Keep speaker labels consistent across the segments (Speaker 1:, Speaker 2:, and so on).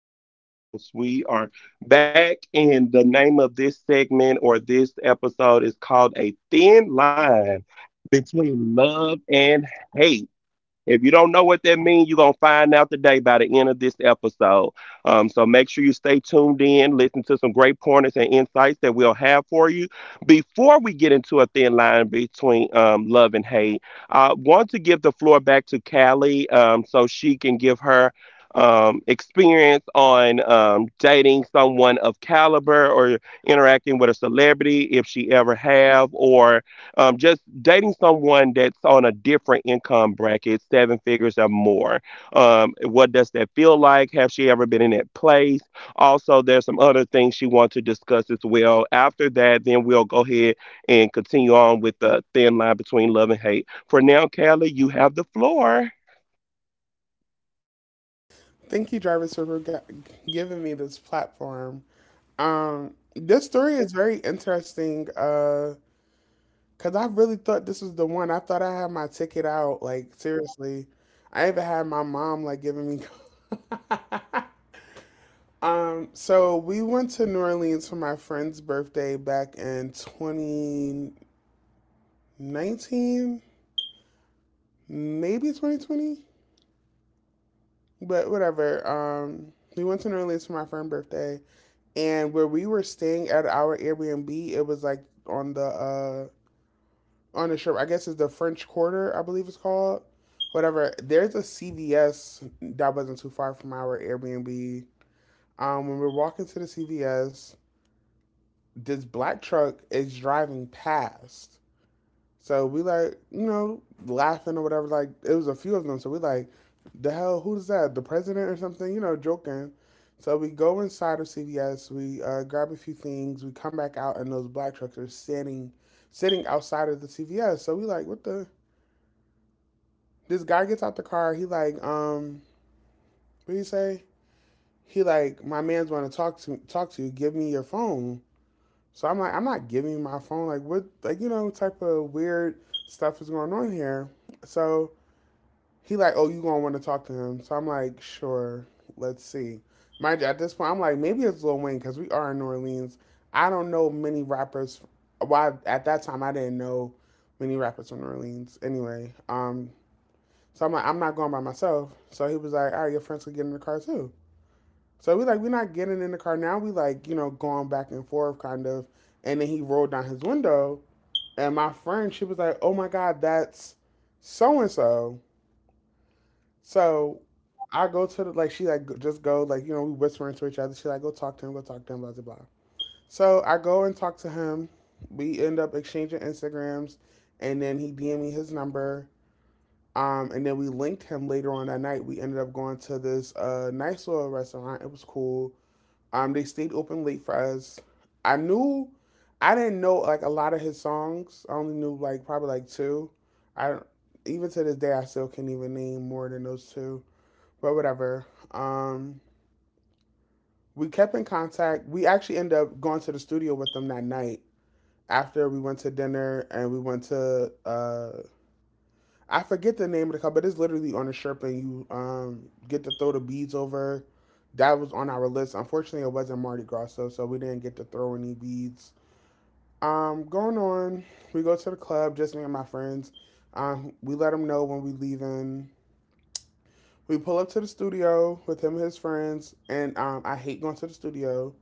Speaker 1: the girls, the girls. We are back, and the name of this segment or this episode is called A Thin Line Between Love and Hate. If you don't know what that means, you're going to find out today by the end of this episode. So make sure you stay tuned in, listen to some great pointers and insights that we'll have for you. Before we get into a thin line between love and hate, I want to give the floor back to Callie, so she can give her experience on dating someone of caliber or interacting with a celebrity if she ever have, or just dating someone that's on a different income bracket, seven figures or more. What does that feel like? Have she ever been in that place? Also, there's some other things she wants to discuss as well. After that, then we'll go ahead and continue on with the thin line between love and hate. For now, Kelly, you have the floor.
Speaker 2: Thank you, Jarvis, giving me this platform. This story is very interesting because I really thought this was the one. I thought I had my ticket out. Like seriously, I even had my mom like giving me. So we went to New Orleans for my friend's birthday back in 2019, maybe 2020, but whatever. We went to New Orleans for my friend's birthday, and where we were staying at our Airbnb, it was like on the shore. I guess it's the French Quarter, I believe it's called. Whatever. There's a CVS that wasn't too far from our Airbnb. When we're walking to the CVS, this black truck is driving past, so we like, you know, laughing or whatever. Like it was a few of them. So we like, the hell, who's that? The president or something? You know, joking. So we go inside of CVS. We grab a few things. We come back out, and those black trucks are sitting outside of the CVS. So we like, what the? This guy gets out the car. He like, what do you say? He like, my man's want to talk to you. Give me your phone. So I'm like, I'm not giving you my phone. Like what? Like you know, type of weird stuff is going on here. So he like, oh, you gonna want to talk to him? So I'm like, sure, let's see. Mind you, at this point, I'm like, maybe it's Lil Wayne because we are in New Orleans. I don't know many rappers. Why at that time I didn't know many rappers from New Orleans. Anyway, so I'm like, I'm not going by myself. So he was like, all right, your friends can get in the car too. So we like, we're not getting in the car now. We like, you know, going back and forth kind of. And then he rolled down his window, and my friend, she was like, oh my god, that's so and so. So I go to the like she like just go like you know we whispering to each other. She like go talk to him, go talk to him, blah blah blah. So I go and talk to him. We end up exchanging Instagrams, and then he DM me his number. And then we linked him later on that night. We ended up going to this nice little restaurant. It was cool. They stayed open late for us. I knew, I didn't know like a lot of his songs. I only knew like probably like two. I even to this day I still can't even name more than those two, but whatever. Um, we kept in contact. We actually ended up going to the studio with them that night after we went to dinner, and we went to I forget the name of the club, but it's literally on the shirt and you get to throw the beads over. That was on our list. Unfortunately, it wasn't Mardi Gras, so we didn't get to throw any beads. Going on, we go to the club, just me and my friends. We let them know when we leaving. We pull up to the studio with him and his friends, and I hate going to the studio.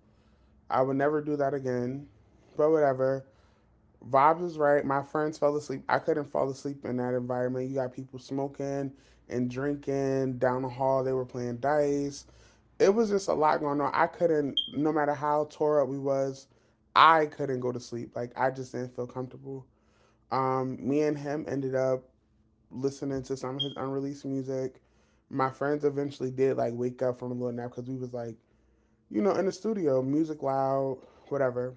Speaker 2: I would never do that again. But whatever. Vibes was right. My friends fell asleep. I couldn't fall asleep in that environment. You got people smoking and drinking down the hall. They were playing dice. It was just a lot going on. I couldn't, no matter how tore up we was, I couldn't go to sleep. Like I just didn't feel comfortable. Me and him ended up listening to some of his unreleased music. My friends eventually did like wake up from a little nap because we was like, you know, in the studio, music loud, whatever.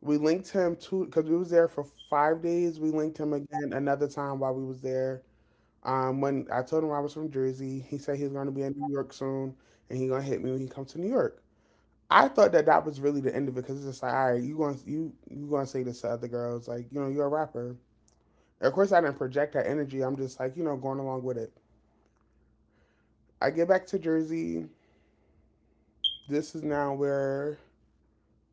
Speaker 2: We linked him to because we was there for 5 days. We linked him again another time while we was there. When I told him I was from Jersey, he said he's going to be in New York soon, and he gonna hit me when he comes to New York. I thought that that was really the end of it because it's just like, all right, you going to you gonna say this to other girls, like you know you're a rapper. Of course, I didn't project that energy. I'm just like you know going along with it. I get back to Jersey. This is now where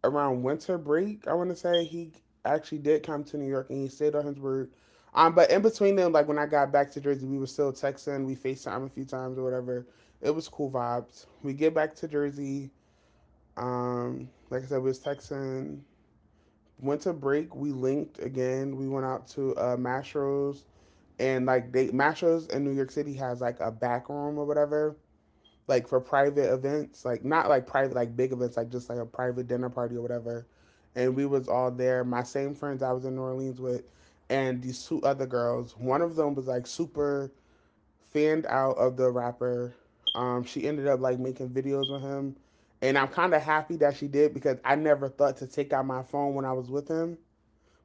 Speaker 2: around winter break. I want to say he actually did come to New York and he stayed at Huntsburg. But in between them, like when I got back to Jersey, we were still texting. We FaceTime a few times or whatever. It was cool vibes. We get back to Jersey. Like I said, we was texting. Winter break, we linked again. We went out to Mastro's, and like they Mastro's in New York City has like a back room or whatever, like for private events, like not like private, like big events, like just like a private dinner party or whatever. And we was all there. My same friends I was in New Orleans with, and these two other girls. One of them was like super fanned out of the rapper. She ended up like making videos with him, and I'm kind of happy that she did because I never thought to take out my phone when I was with him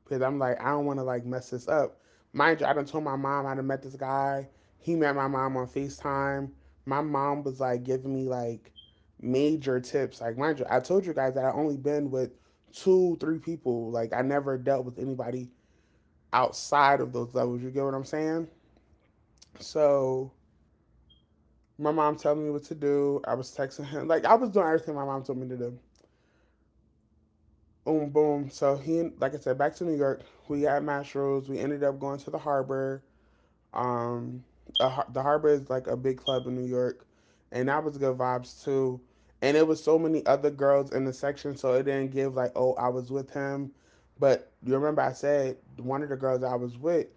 Speaker 2: because I'm like, I don't want to like mess this up. Mind you, I done told my mom I done met this guy. He met my mom on FaceTime. My mom was like giving me like major tips. Like, mind you, I told you guys that I only been with two, three people. Like, I never dealt with anybody outside of those levels. You get what I'm saying? So, my mom telling me what to do. I was texting him. Like, I was doing everything my mom told me to do. Boom, boom. So, he, like I said, back to New York. We got Mashrooms. We ended up going to the harbor. Um, the, Harbor is like a big club in New York, and that was good vibes too. And it was so many other girls in the section, so it didn't give like, oh, I was with him. But you remember I said one of the girls I was with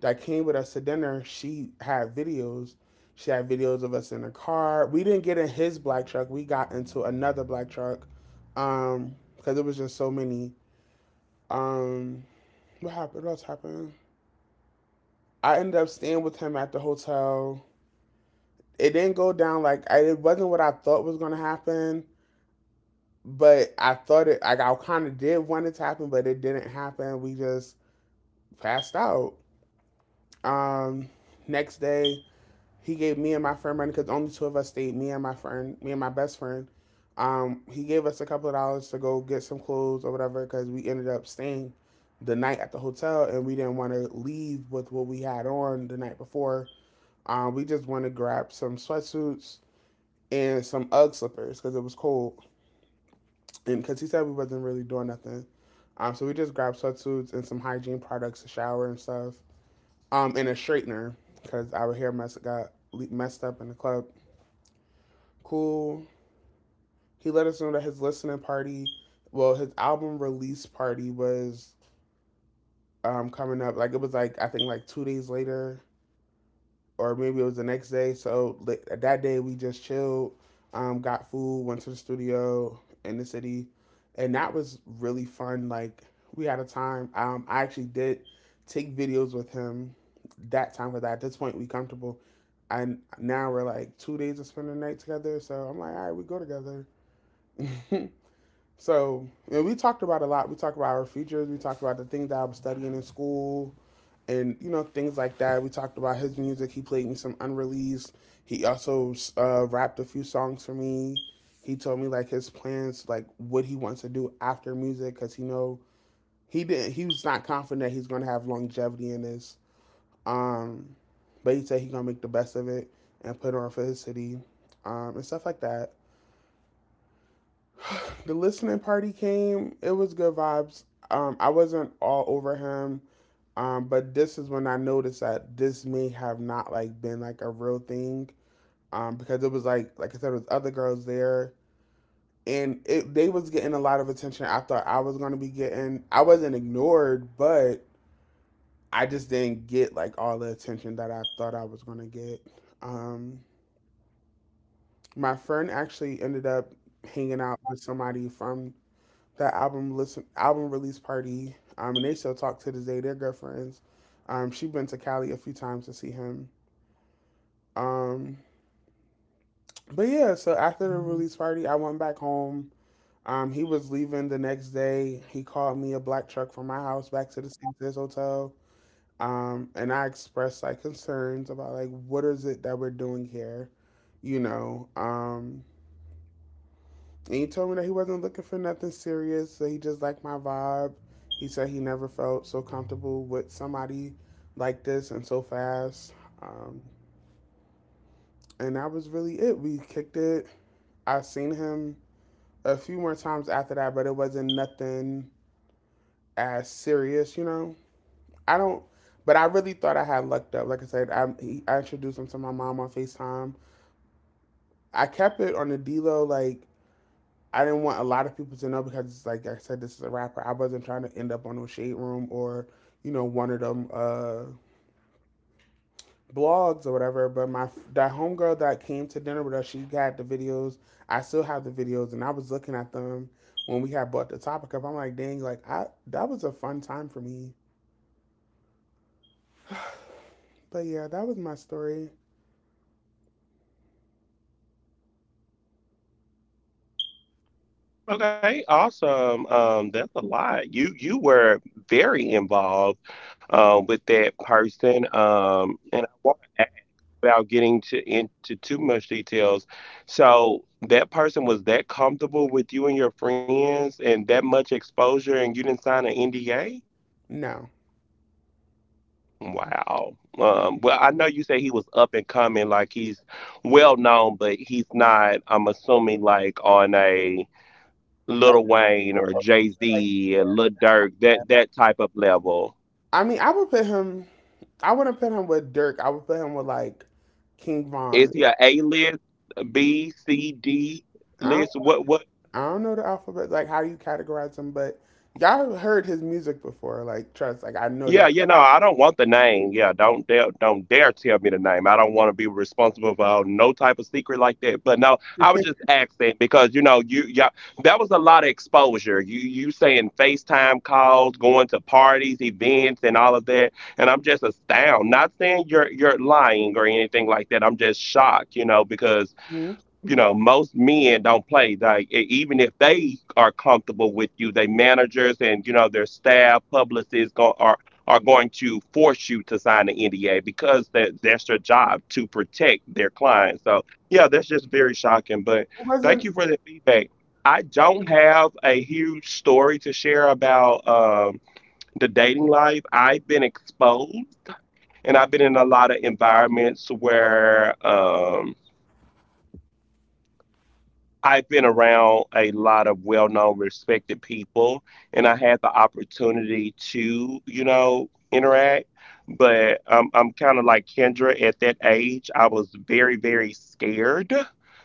Speaker 2: that came with us to dinner, she had videos. She had videos of us in the car. We didn't get in his black truck. We got into another black truck. Because it was just so many. Um, what happened? What else happened? I ended up staying with him at the hotel. It didn't go down like it wasn't what I thought was gonna happen. But I thought it like I kind of did want it to happen, but it didn't happen. We just passed out. Um, Next day, he gave me and my friend money because only two of us stayed. Me and my friend, me and my best friend. He gave us a couple of dollars to go get some clothes or whatever because we ended up staying the night at the hotel and we didn't want to leave with what we had on the night before. We just want to grab some sweatsuits and some UGG slippers because it was cold, and because he said we wasn't really doing nothing. So we just grabbed sweatsuits and some hygiene products, a shower and stuff, and a straightener because our hair mess got messed up in the club. Cool. He let us know that his album release party was coming up. Like it was like I think like 2 days later or maybe it was the next day. So that day we just chilled, got food, went to the studio in the city, and that was really fun. Like we had a time. I actually did take videos with him that time because at this point we comfortable, and now we're like 2 days of spending the night together. So I'm like, all right, we go together. So you know, we talked about a lot. We talked about our futures. We talked about the things that I'm studying in school, and you know things like that. We talked about his music. He played me some unreleased. He also rapped a few songs for me. He told me like his plans, like what he wants to do after music, because you know he didn't. He was not confident that he's going to have longevity in this. Um, but he said he's gonna make the best of it and put on for his city, and stuff like that. The listening party came. It was good vibes. I wasn't all over him. But this is when I noticed that this may have not been like a real thing. Because it was like I said, it was other girls there, and it they was getting a lot of attention I thought I was gonna be getting. I wasn't ignored, but I just didn't get like all the attention that I thought I was gonna get. Um, my friend actually ended up hanging out with somebody from that album release party. And they still talk to this day. They're good friends. She been to Cali a few times to see him. Um, but yeah, so after the release party, I went back home. He was leaving the next day. He called me a black truck from my house back to the St. hotel. And I expressed like concerns about like what is it that we're doing here, you know. Um, And he told me that he wasn't looking for nothing serious, that he just liked my vibe. He said he never felt so comfortable with somebody like this and so fast. Um, and that was really it. We kicked it. I've seen him a few more times after that, but it wasn't nothing as serious, you know? I don't, but I really thought I had lucked up. Like I said, I introduced him to my mom on FaceTime. I kept it on the D-Lo. Like, I didn't want a lot of people to know because, like I said, this is a rapper. I wasn't trying to end up on no shade room or, one of them blogs or whatever. But my that homegirl that came to dinner with us, she got the videos. I still have the videos, and I was looking at them when we had brought the topic up. I'm like, dang, like I that was a fun time for me. But yeah, that was my story.
Speaker 1: Okay, awesome. That's a lot. You were very involved with that person, and I want, without getting to, into too much details. So that person was that comfortable with you and your friends and that much exposure and you didn't sign an NDA?
Speaker 2: No,
Speaker 1: Wow. Well, I know you say he was up and coming, like he's well known, but he's not, I'm assuming, like on a
Speaker 2: like,
Speaker 1: Lil Wayne or Jay
Speaker 2: Future, like
Speaker 1: Z,
Speaker 2: yeah.
Speaker 1: Lil Durk, that type of level.
Speaker 2: I mean, I would put him. I wouldn't put him with Dirk. I would put him with like King
Speaker 1: Is
Speaker 2: Von.
Speaker 1: he a A list, B, C, D
Speaker 2: I don't
Speaker 1: list? What, what?
Speaker 2: I don't know the alphabet, like how do you categorize them, but y'all heard his music before. Like, trust, like I know
Speaker 1: Yeah,
Speaker 2: y'all.
Speaker 1: you know, I don't want the name. Yeah, don't dare tell me the name. I don't want to be responsible for no type of secret like that. But no, I was just asking because you know, you yeah, that was a lot of exposure. You saying FaceTime calls, going to parties, events, and all of that, and I'm just astounded. Not saying you're lying or anything like that. I'm just shocked, you know, because
Speaker 2: Mhm.
Speaker 1: you know, most men don't play. Like even if they are comfortable with you, they managers and you know their staff, publicists go, are going to force you to sign an NDA because that's their job to protect their clients. So yeah, that's just very shocking. But
Speaker 2: It
Speaker 1: thank
Speaker 2: wasn't.
Speaker 1: you for the feedback. I don't have a huge story to share about the dating life. I've been exposed, and I've been in a lot of environments where. I've been around a lot of well known, respected people, and I had the opportunity to, you know, interact. But I'm kind of like Kendra at that age. I was very, very scared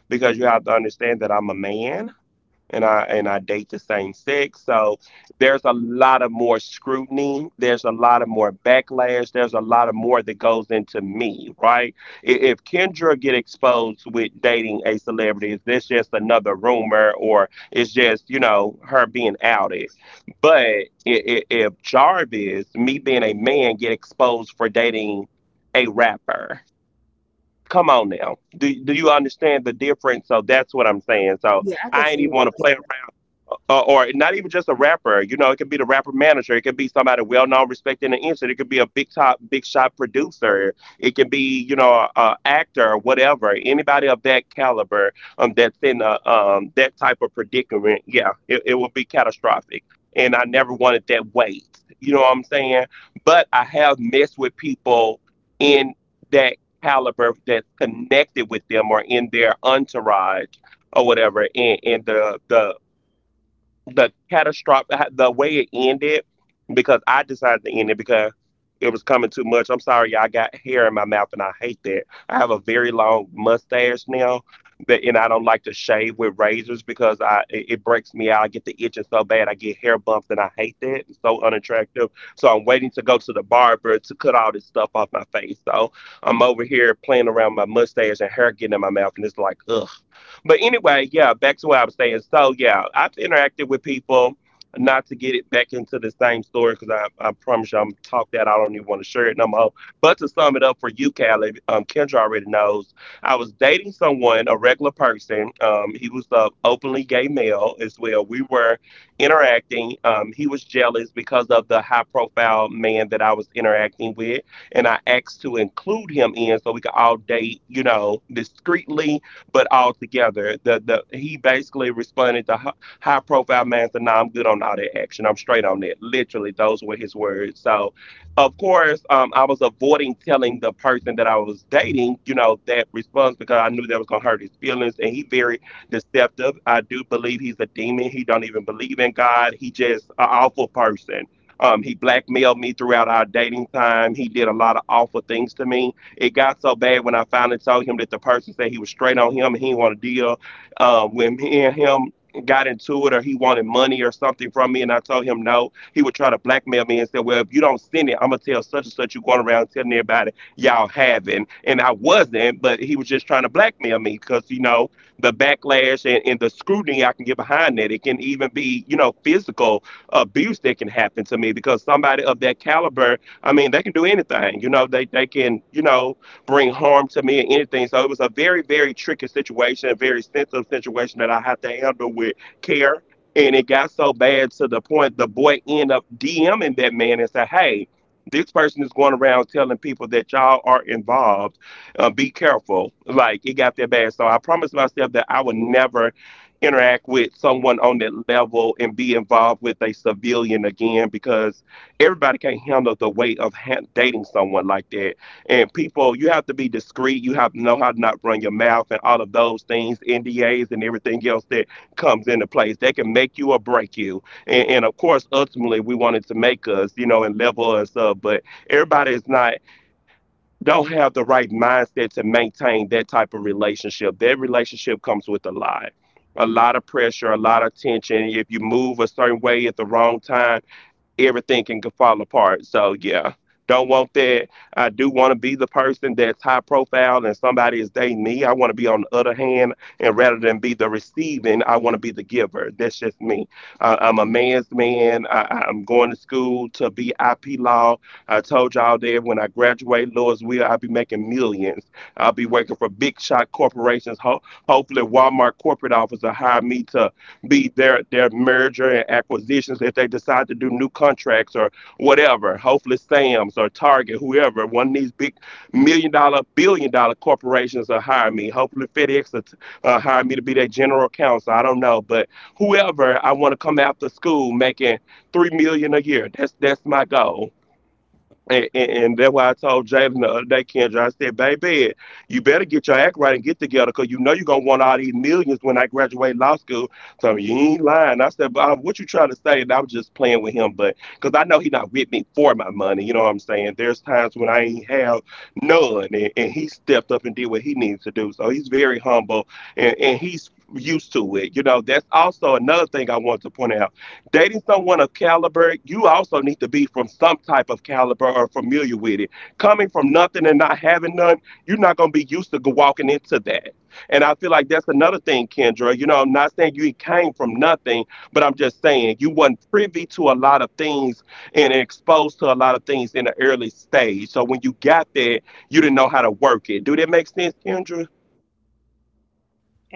Speaker 1: because you have to understand that I'm a man and I date the same sex. So there's a lot of more scrutiny. There's a lot of more backlash. There's a lot of more that goes into me, right? If Kendra get exposed with dating a celebrity, is this just another rumor or it's just you know her being outed? But if Jarvis, me being a man, get exposed for dating a rapper. Come on now. Do you understand the difference? So that's what I'm saying. So
Speaker 2: Yeah, I could
Speaker 1: I ain't
Speaker 2: see
Speaker 1: even
Speaker 2: what
Speaker 1: want to play
Speaker 2: you're
Speaker 1: around, or not even just a rapper. You know, it could be the rapper manager. It could be somebody well known, respected in the industry. It could be a big top, big shot producer. It could be you know an actor, or whatever. Anybody of that caliber that's in that type of predicament, yeah, it will be catastrophic. And I never wanted that weight. You know what I'm saying? But I have messed with people in that caliber that's connected with them or in their entourage or whatever and the catastrophic the way it ended because I decided to end it because it was coming too much. I'm sorry, y'all, I got hair in my mouth and I hate that. I have a very long mustache now, but and I don't like to shave with razors because I it breaks me out. I get the itching so bad. I get hair bumps and I hate that. It's so unattractive. So I'm waiting to go to the barber to cut all this stuff off my face. So I'm over here playing around my mustache and hair getting in my mouth and it's like ugh. But anyway, yeah, back to what I was saying. So yeah, I've interacted with people. Not to get it back into the same story, because I promise you I'm talk that I don't even want to share it no more. But to sum it up for you, Callie, Kendra already knows. I was dating someone, a regular person. He was a openly gay male as well. We were interacting. He was jealous because of the high profile man that I was interacting with, and I asked to include him in so we could all date, you know, discreetly but altogether, the he basically responded to high profile man said, "Nah, I'm good on all that action. I'm straight on that." Literally, those were his words. So, of course, I was avoiding telling the person that I was dating, you know, that response because I knew that was gonna hurt his feelings, and he very deceptive. I do believe he's a demon. He don't even believe in God. He just an awful person. He blackmailed me throughout our dating time. He did a lot of awful things to me. It got so bad when I finally told him that the person said he was straight on him and he didn't want to deal. When me and him got into it or he wanted money or something from me and I told him no, he would try to blackmail me and say, well, if you don't send it, I'm going to tell such and such you going around telling everybody y'all having. And I wasn't, but he was just trying to blackmail me because, you know, the backlash and, the scrutiny I can get behind that. It can even be, you know, physical abuse that can happen to me because somebody of that caliber, I mean, they can do anything. You know, they can, you know, bring harm to me and anything. So it was a very, very tricky situation, a very sensitive situation that I had to handle with care. And it got so bad to the point the boy ended up DMing that man and said, "Hey, this person is going around telling people that y'all are involved. Be careful." Like it got that bad. So I promised myself that I would never interact with someone on that level and be involved with a civilian again because everybody can't handle the weight of dating someone like that. And people, you have to be discreet. You have to know how to not run your mouth and all of those things, NDAs and everything else that comes into place. They can make you or break you. And, of course, ultimately, we wanted to make us, you know, and level us up. But everybody is not, don't have the right mindset to maintain that type of relationship. That relationship comes with a lot. A lot of pressure, a lot of tension. If you move a certain way at the wrong time, everything can fall apart. So yeah, don't want that. I do want to be the person that's high profile and somebody is dating me. I want to be on the other hand, and rather than be the receiving, I want to be the giver. That's just me. I'm a man's man. Am going to school to be IP law. I told y'all that when I graduate Louisville, I'll be making millions. I'll be working for big shot corporations. Ho- hopefully, Walmart corporate office will hire me to be their merger and acquisitions if they decide to do new contracts or whatever. Hopefully, Sam's or Target, whoever one of these big million-dollar, billion-dollar corporations will hire me. Hopefully, FedEx will hire me to be their general counsel. I don't know, but whoever, I want to come after school making 3 million a year. That's my goal. And that's why I told Jalen the other day, Kendra, I said, baby, you better get your act right and get together because you know you're going to want all these millions when I graduate law school. So you ain't lying. I said, Bob, what you trying to say? And I was just playing with him, but because I know he not with me for my money. You know what I'm saying? There's times when I ain't have none. And he stepped up and did what he needs to do. So he's very humble and he's used to it. You know, that's also another thing I want to point out. Dating someone of caliber, you also need to be from some type of caliber or familiar with it. Coming from nothing and not having none, you're not going to be used to go walking into that. And I feel like that's another thing, Kendra. You know, I'm not saying you came from nothing, but I'm just saying you wasn't privy to a lot of things and exposed to a lot of things in the early stage. So when you got there, you didn't know how to work it. Do that make sense, Kendra?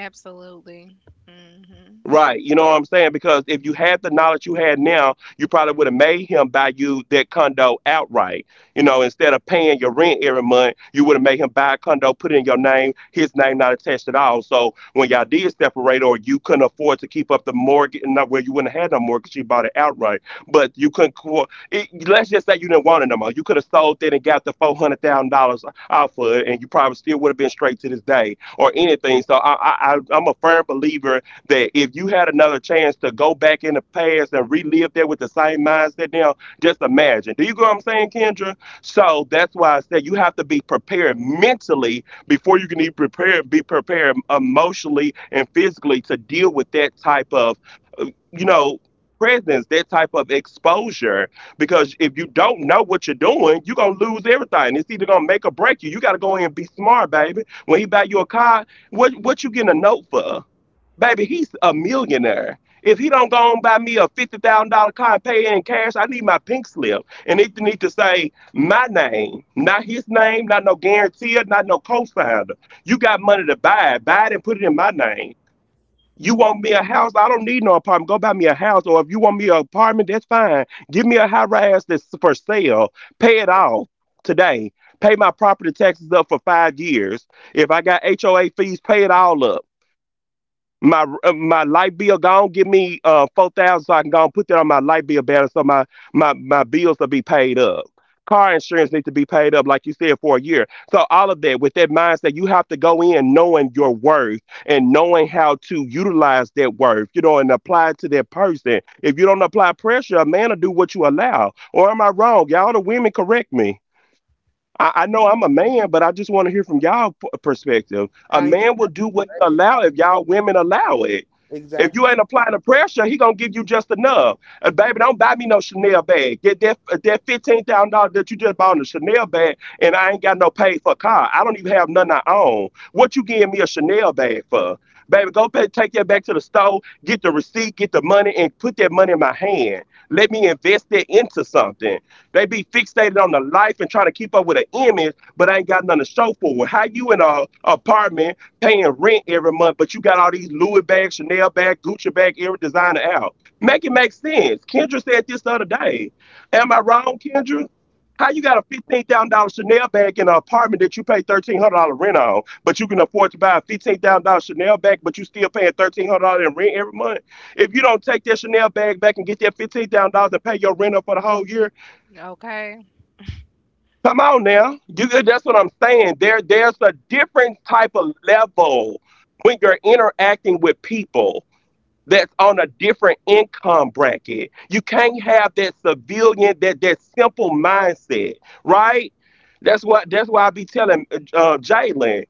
Speaker 3: Absolutely. Mhm.
Speaker 1: Right. You know what I'm saying? Because if you had the knowledge you had now, you probably would have made him buy you that condo outright. You know, instead of paying your rent every month, you would have made him buy a condo, put it in your name, his name not attached at all. So when y'all did separate or you couldn't afford to keep up the mortgage, not where you wouldn't have had no mortgage, you bought it outright. But you couldn't, let's just say you didn't want it no more. You could have sold it and got the $400,000 out of it, and you probably still would have been straight to this day or anything. So I'm a firm believer that if you had another chance to go back in the past and relive that with the same mindset now, just imagine. Do you go what I'm saying, Kendra? So that's why I said you have to be prepared mentally before you can even prepare, be prepared emotionally and physically to deal with that type of, uh, you know, presence, that type of exposure. Because if you don't know what you're doing, you're going to lose everything. It's either going to make or break you. You got to go in and be smart, baby. When he buy you a car, what you getting a note for? Baby, he's a millionaire. If he don't go and buy me a $50,000 car and pay it in cash, I need my pink slip, and it need to say my name, not his name, not no guarantee, not no co-signer. You got money to buy it and put it in my name. You want me a house? I don't need no apartment. Go buy me a house, or if you want me an apartment, that's fine. Give me a high rise that's for sale. Pay it off today. Pay my property taxes up for 5 years. If I got HOA fees, pay it all up. My my light bill go gone. Give me 4,000 so I can go and put that on my light bill balance so my my bills will be paid up. Car insurance needs to be paid up, like you said, for a year. So all of that with that mindset, you have to go in knowing your worth and knowing how to utilize that worth, you know, and apply it to that person. If you don't apply pressure, a man will do what you allow. Or am I wrong? Y'all the women correct me. I know I'm a man, but I just want to hear from y'all perspective. A
Speaker 2: saying.
Speaker 1: man will do what he allow if y'all women allow it.
Speaker 2: I
Speaker 1: If you
Speaker 2: exactly
Speaker 1: ain't applying the pressure, he gonna give you just enough. Baby, don't buy me no Chanel bag. Get that $15,000 that you just bought in a Chanel bag, and I ain't got no paid for car. I don't even have nothing I own. What you giving me a Chanel bag for? Baby, take that back to the store, get the receipt, get the money, and put that money in my hand. Let me invest that into something. They be fixated on the life and trying to keep up with an image, but ain't got nothing to show for it. How you in a apartment paying rent every month, but you got all these Louis bags, Chanel bag, Gucci bag, every designer out. Make it make sense. Kendra said this the other day. Am I wrong, Kendra? How you got a $15,000 Chanel bag in an apartment that you pay $1,300 rent on, but you can afford to buy a $15,000 Chanel bag, but you still paying $1,300 in rent every month? If you don't take that Chanel bag back and get that $15,000 and pay your rent up for the whole year.
Speaker 3: Okay.
Speaker 1: Come on now. You That's what I'm saying. There's a different type of level when you're interacting with people that's on a different income bracket. You can't have that civilian, that simple mindset, right? That's why I be telling Jalen,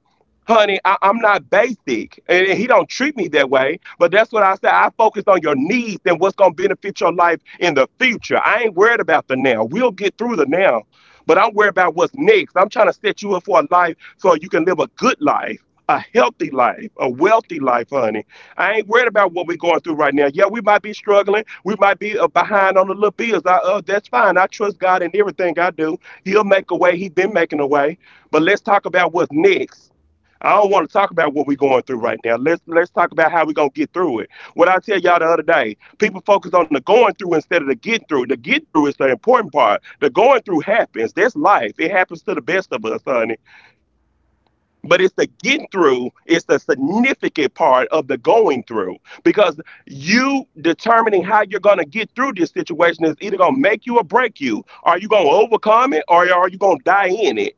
Speaker 1: honey, I'm not basic, and he don't treat me that way. But that's what I said. I focus on your needs and what's gonna benefit your life in the future. I ain't worried about the now. We'll get through the now, but I'm worried about what's next. I'm trying to set you up for a life so you can live a good life. A healthy life, a wealthy life, honey. I ain't worried about what we're going through right now. Yeah, we might be struggling. We might be behind on the little bills. That's fine. I trust God in everything I do. He'll make a way. He's been making a way. But let's talk about what's next. I don't want to talk about what we're going through right now. Let's talk about how we're gonna get through it. What I tell y'all the other day, people focus on the going through instead of the getting through. The get through is the important part. The going through happens. That's life. It happens to the best of us, honey, but it's the get through, it's the significant part of the going through. Because you determining how you're going to get through this situation is either going to make you or break you. Are you going to overcome it, or are you going to die in it?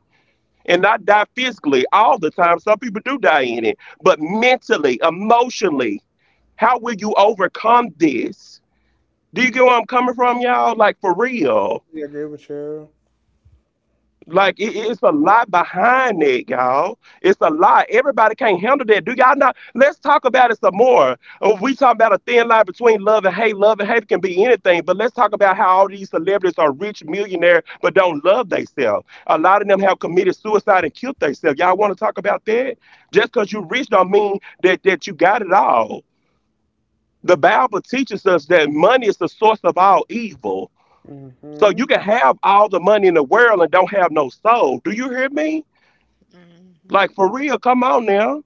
Speaker 1: And not die physically all the time. Some people do die in it, but mentally, emotionally, how will you overcome this? Do you get where I'm coming from, y'all, like for real?
Speaker 2: agree with you.
Speaker 1: It's a lot behind that, y'all. It's a lot. Everybody can't handle that. Do y'all not? Let's talk about it some more. We talk about a thin line between love and hate. Love and hate can be anything, but let's talk about how all these celebrities are rich millionaire but don't love themselves. A lot of them have committed suicide and killed themselves. Y'all want to talk about that? Just because you rich don't mean that you got it all. The Bible teaches us that money is the source of all evil. So you
Speaker 2: Mm-hmm.
Speaker 1: can have all the money in the world and don't have no soul. Do you hear me? Like
Speaker 3: Mhm.
Speaker 1: for real, come on now.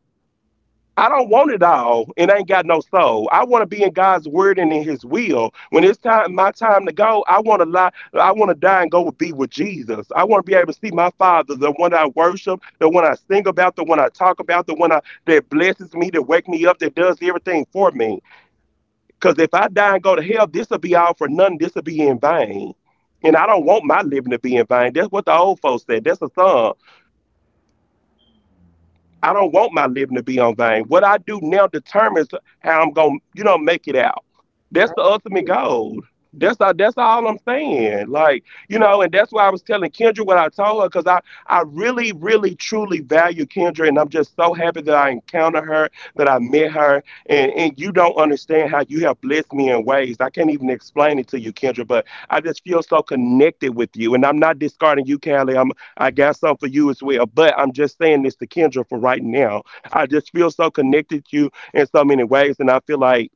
Speaker 1: I don't want it all and ain't got no soul. I want to be in God's word and in his will. When it's time my time to go, I want to die and go be with Jesus. I want to be able to see my father, the one I worship, the one I sing about, the one I talk about, that blesses me, that wake me up, that does everything for me. Cuz if I die and go to hell, this will be all for nothing. This will be in vain. And I don't want my living to be in vain. That's what the old folks said. That's a song. I don't want my living to be on vain. What I do now determines how I'm gonna, you know, make it out. That's the ultimate
Speaker 2: Absolutely.
Speaker 1: goal. That's all I'm saying. Like, you know, and that's why I was telling Kendra what I told her, I really, really, truly value Kendra, and I'm just so happy that I encountered her, that I met her, and you don't understand how you have blessed me in ways. I can't even explain it to you, Kendra, but I just feel so connected with you, and I'm not discarding you, Callie. I got some for you as well. But I'm just saying this to Kendra for right now. I just feel so connected to you in so many ways, and I feel like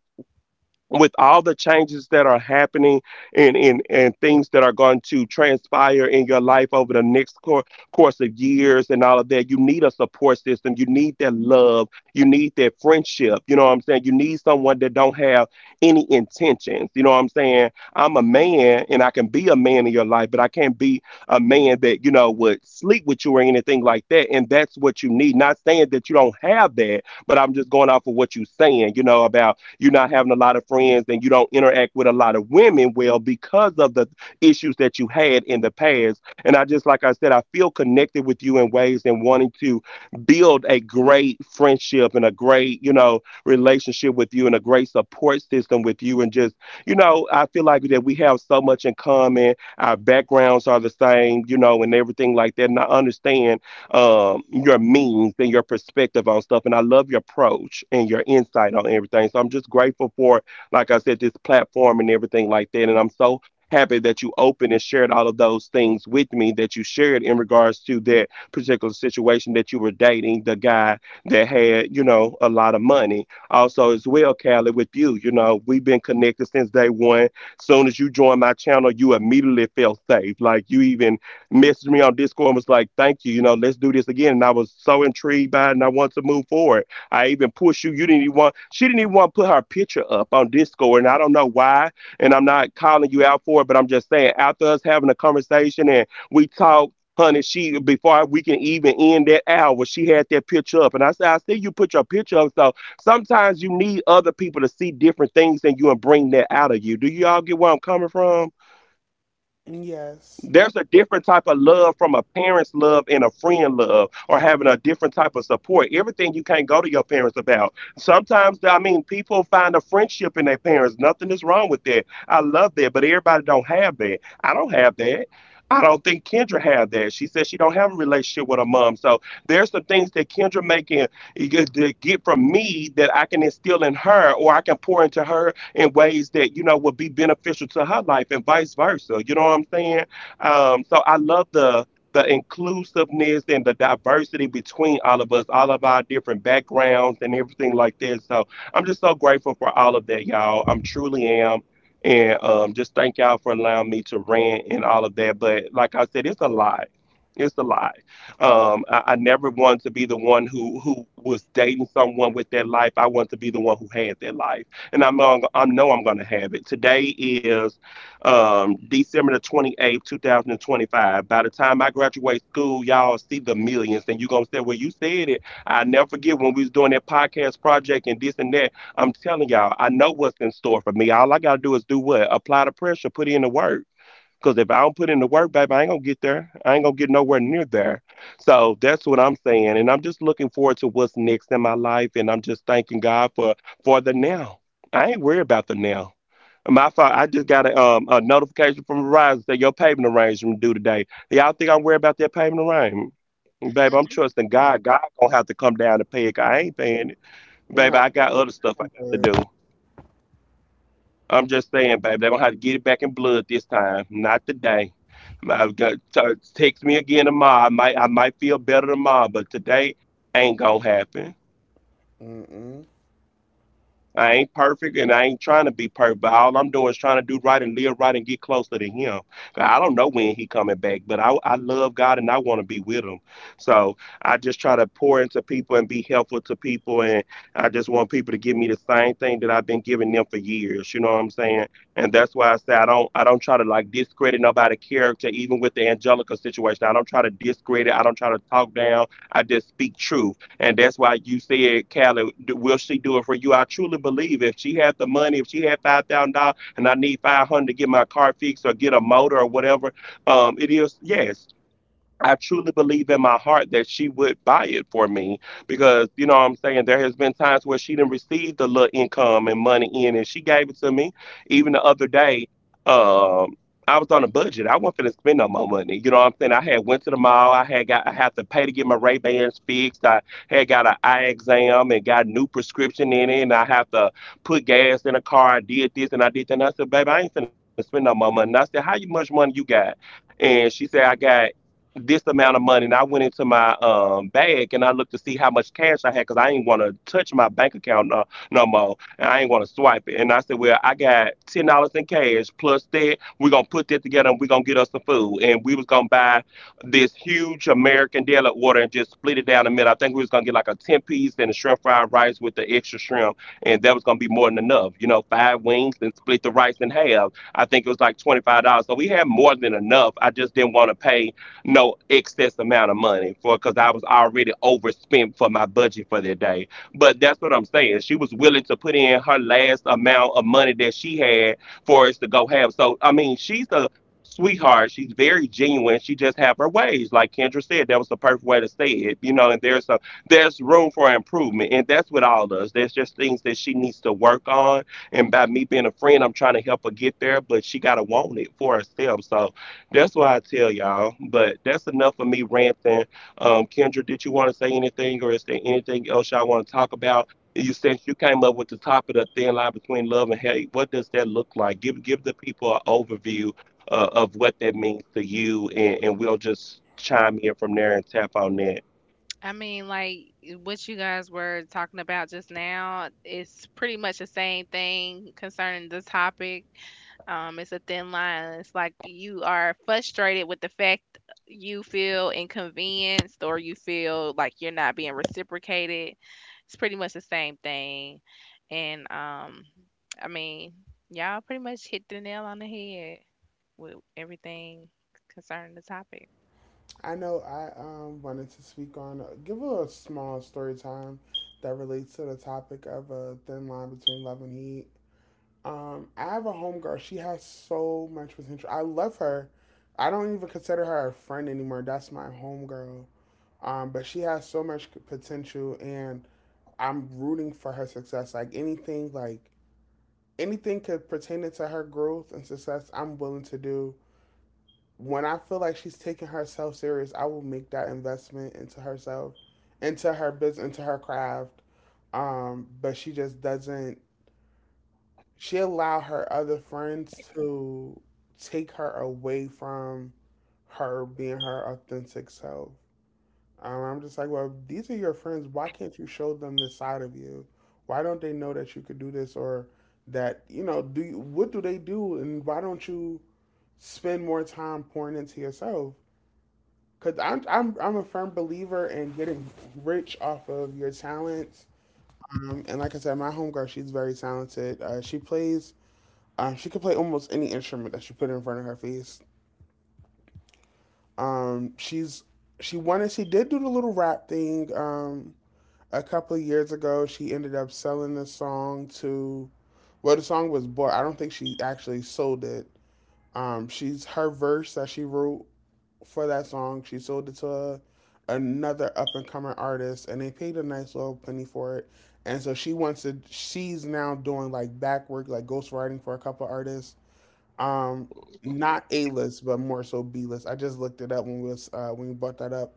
Speaker 1: with all the changes that are happening and things that are going to transpire in your life over the next course of years and all of that, you need a support system. You need that love. You need that friendship. You know what I'm saying? You need someone that don't have any intentions. You know what I'm saying? I'm a man and I can be a man in your life, but I can't be a man that, you know, would sleep with you or anything like that. And that's what you need. Not saying that you don't have that, but I'm just going off of what you're saying, you know, about you're not having a lot of friends and you don't interact with a lot of women well because of the issues that you had in the past. And I just, like I said, I feel connected with you in ways and wanting to build a great friendship and a great, you know, relationship with you and a great support system with you. And just, you know, I feel like that we have so much in common. Our backgrounds are the same, you know, and everything like that. And I understand your means and your perspective on stuff. And I love your approach and your insight on everything. So I'm just grateful for, like I said, this platform and everything like that. And I'm so happy that you opened and shared all of those things with me that you shared in regards to that particular situation that you were dating the guy that had, you know, a lot of money. Also, as well, Callie, with you, you know, we've been connected since day one. Soon as you joined my channel, you immediately felt safe. Like you even messaged me on Discord and was like, "Thank you, you know, let's do this again." And I was so intrigued by it, and I wanted to move forward. I even pushed you. You didn't even want. She didn't even want to put her picture up on Discord, and I don't know why. And I'm not calling you out for it, but I'm just saying, after us having a conversation and we talked. Honey, she before we can even end that hour, she had that picture up, and I said, "I see you put your picture up." So sometimes you need other people to see different things than you and bring that out of you. Do y'all get where I'm coming from?
Speaker 2: Yes,
Speaker 1: There's a different type of love from a parent's love and a friend love, or having a different type of support. Everything you can't go to your parents about. Sometimes, I mean, people find a friendship in their parents. Nothing is wrong with that. I love that, but everybody don't have that. I don't have that. I don't think Kendra had that. She said she don't have a relationship with her mom. So there's some things that Kendra making to get from me that I can instill in her, or I can pour into her in ways that you know would be beneficial to her life, and vice versa. You know what I'm saying? So I love the inclusiveness and the diversity between all of us, all of our different backgrounds and everything like that. So I'm just so grateful for all of that, y'all. I'm truly am. And just thank y'all for allowing me to rant and all of that. But like I said, it's a lie. It's a lie. I never wanted to be the one who was dating someone with their life. I want to be the one who had their life, and I know I'm going to have it. Today is December the 28th, 2025. By the time I graduate school, y'all see the millions, and you're going to say, well, you said it. I never forget when we was doing that podcast project and this and that. I'm telling y'all, I know what's in store for me. All I got to do is do what? Apply the pressure, put in the work. Because if I don't put in the work, baby, I ain't going to get there. I ain't going to get nowhere near there. So that's what I'm saying. And I'm just looking forward to what's next in my life. And I'm just thanking God for the now. I ain't worried about the now. My fault. I just got a notification from Verizon that your payment arrangement due today. Y'all think I'm worried about that payment arrangement? Baby, I'm trusting God. God gonna have to come down and pay it, 'cause I ain't paying it.
Speaker 2: they
Speaker 1: Baby,
Speaker 2: got
Speaker 1: I got other stuff I got to
Speaker 2: convert.
Speaker 1: do. I'm just saying, baby, they gonna have to get it back in blood this time, not today. Text me again tomorrow. I might feel better tomorrow, but today ain't gonna happen.
Speaker 2: Mm-mm.
Speaker 1: I ain't perfect and I ain't trying to be perfect, but all I'm doing is trying to do right and live right and get closer to him. I don't know when he coming back, but I love God and I want to be with him. So I just try to pour into people and be helpful to people. And I just want people to give me the same thing that I've been giving them for years. You know what I'm saying? And that's why I say I don't try to like discredit nobody's character, even with the Angelica situation. I don't try to discredit. I don't try to talk down. I just speak truth. And that's why you said, Callie, will she do it for you? I truly believe if she had the money, if she had $5,000 and I need 500 to get my car fixed or get a motor or whatever, it is, yes. I truly believe in my heart that she would buy it for me because you know what I'm saying, there has been times where she didn't receive the little income and money in and she gave it to me. Even the other day, um, I was on a budget. I wasn't finna spend no more money. You know what I'm saying? I had went to the mall, I had to pay to get my Ray Bans fixed. I had got an eye exam and got new prescription in it and I have to put gas in the car. I did this and I did that. And I said, baby, I ain't finna spend no more money. And I said, how you much money you got? And she said, I got this amount of money. And I went into my bag and I looked to see how much cash I had because I ain't want to touch my bank account no more. And I ain't want to swipe it. And I said, well, I got $10 in cash plus that. We're going to put that together and we're going to get us some food. And we was going to buy this huge American deli order and just split it down the middle. I think we was going to get like a 10 piece and a shrimp fried rice with the extra shrimp. And that was going to be more than enough. You know, five wings and split the rice in half. I think it was like $25. So we had more than enough. I just didn't want to pay no excess amount of money for because I was already overspent for my budget for that day. But that's what I'm saying. She was willing to put in her last amount of money that she had for us to go have. So I mean, she's a sweetheart. She's very genuine. She just have her ways. Like Kendra said, that was the perfect way to say it. You know, and there's a there's room for improvement. And that's what all does. There's just things that she needs to work on. And by me being a friend, I'm trying to help her get there, but she gotta want it for herself. So that's why I tell y'all. But that's enough of me ranting. Kendra, did you want to say anything, or is there anything else y'all want to talk about? You since you came up with the topic of thin line between love and hate, what does that look like? Give the people an overview of what that means to you, and we'll just chime in from there and tap on that.
Speaker 3: I mean, like what you guys were talking about just now, it's pretty much the same thing concerning the topic. It's a thin line. It's like you are frustrated with the fact you feel inconvenienced or you feel like you're not being reciprocated. It's pretty much the same thing. And I mean, y'all pretty much hit the nail on the head with everything concerning the topic.
Speaker 2: I know. I wanted to speak on. Give a small story time that relates to the topic of a thin line between love and hate. I have a homegirl. She has so much potential. I love her. I don't even consider her a friend anymore. That's my homegirl. But she has so much potential, and I'm rooting for her success. Like anything could pertain to her growth and success, I'm willing to do. When I feel like she's taking herself serious, I will make that investment into herself, into her business, into her craft. But she just doesn't she allowed her other friends to take her away from her being her authentic self. I'm just like, well, these are your friends. Why can't you show them this side of you? Why don't they know that you could do this? Or that you know? Do you, what do they do, and why don't you spend more time pouring into yourself? Because I'm a firm believer in getting rich off of your talents. And like I said, my homegirl, she's very talented. She could play almost any instrument that you put in front of her face. She's she wanted She did do the little rap thing. A couple of years ago, she ended up selling the song to. Well, the song was bought. I don't think she actually sold it. She's Her verse that she wrote for that song, she sold it to another up and coming artist, and they paid a nice little penny for it. And so she wants to. She's now doing like back work, like ghostwriting for a couple of artists. Um, Not A list, but more so B list. I just looked it up when we was when we brought that up,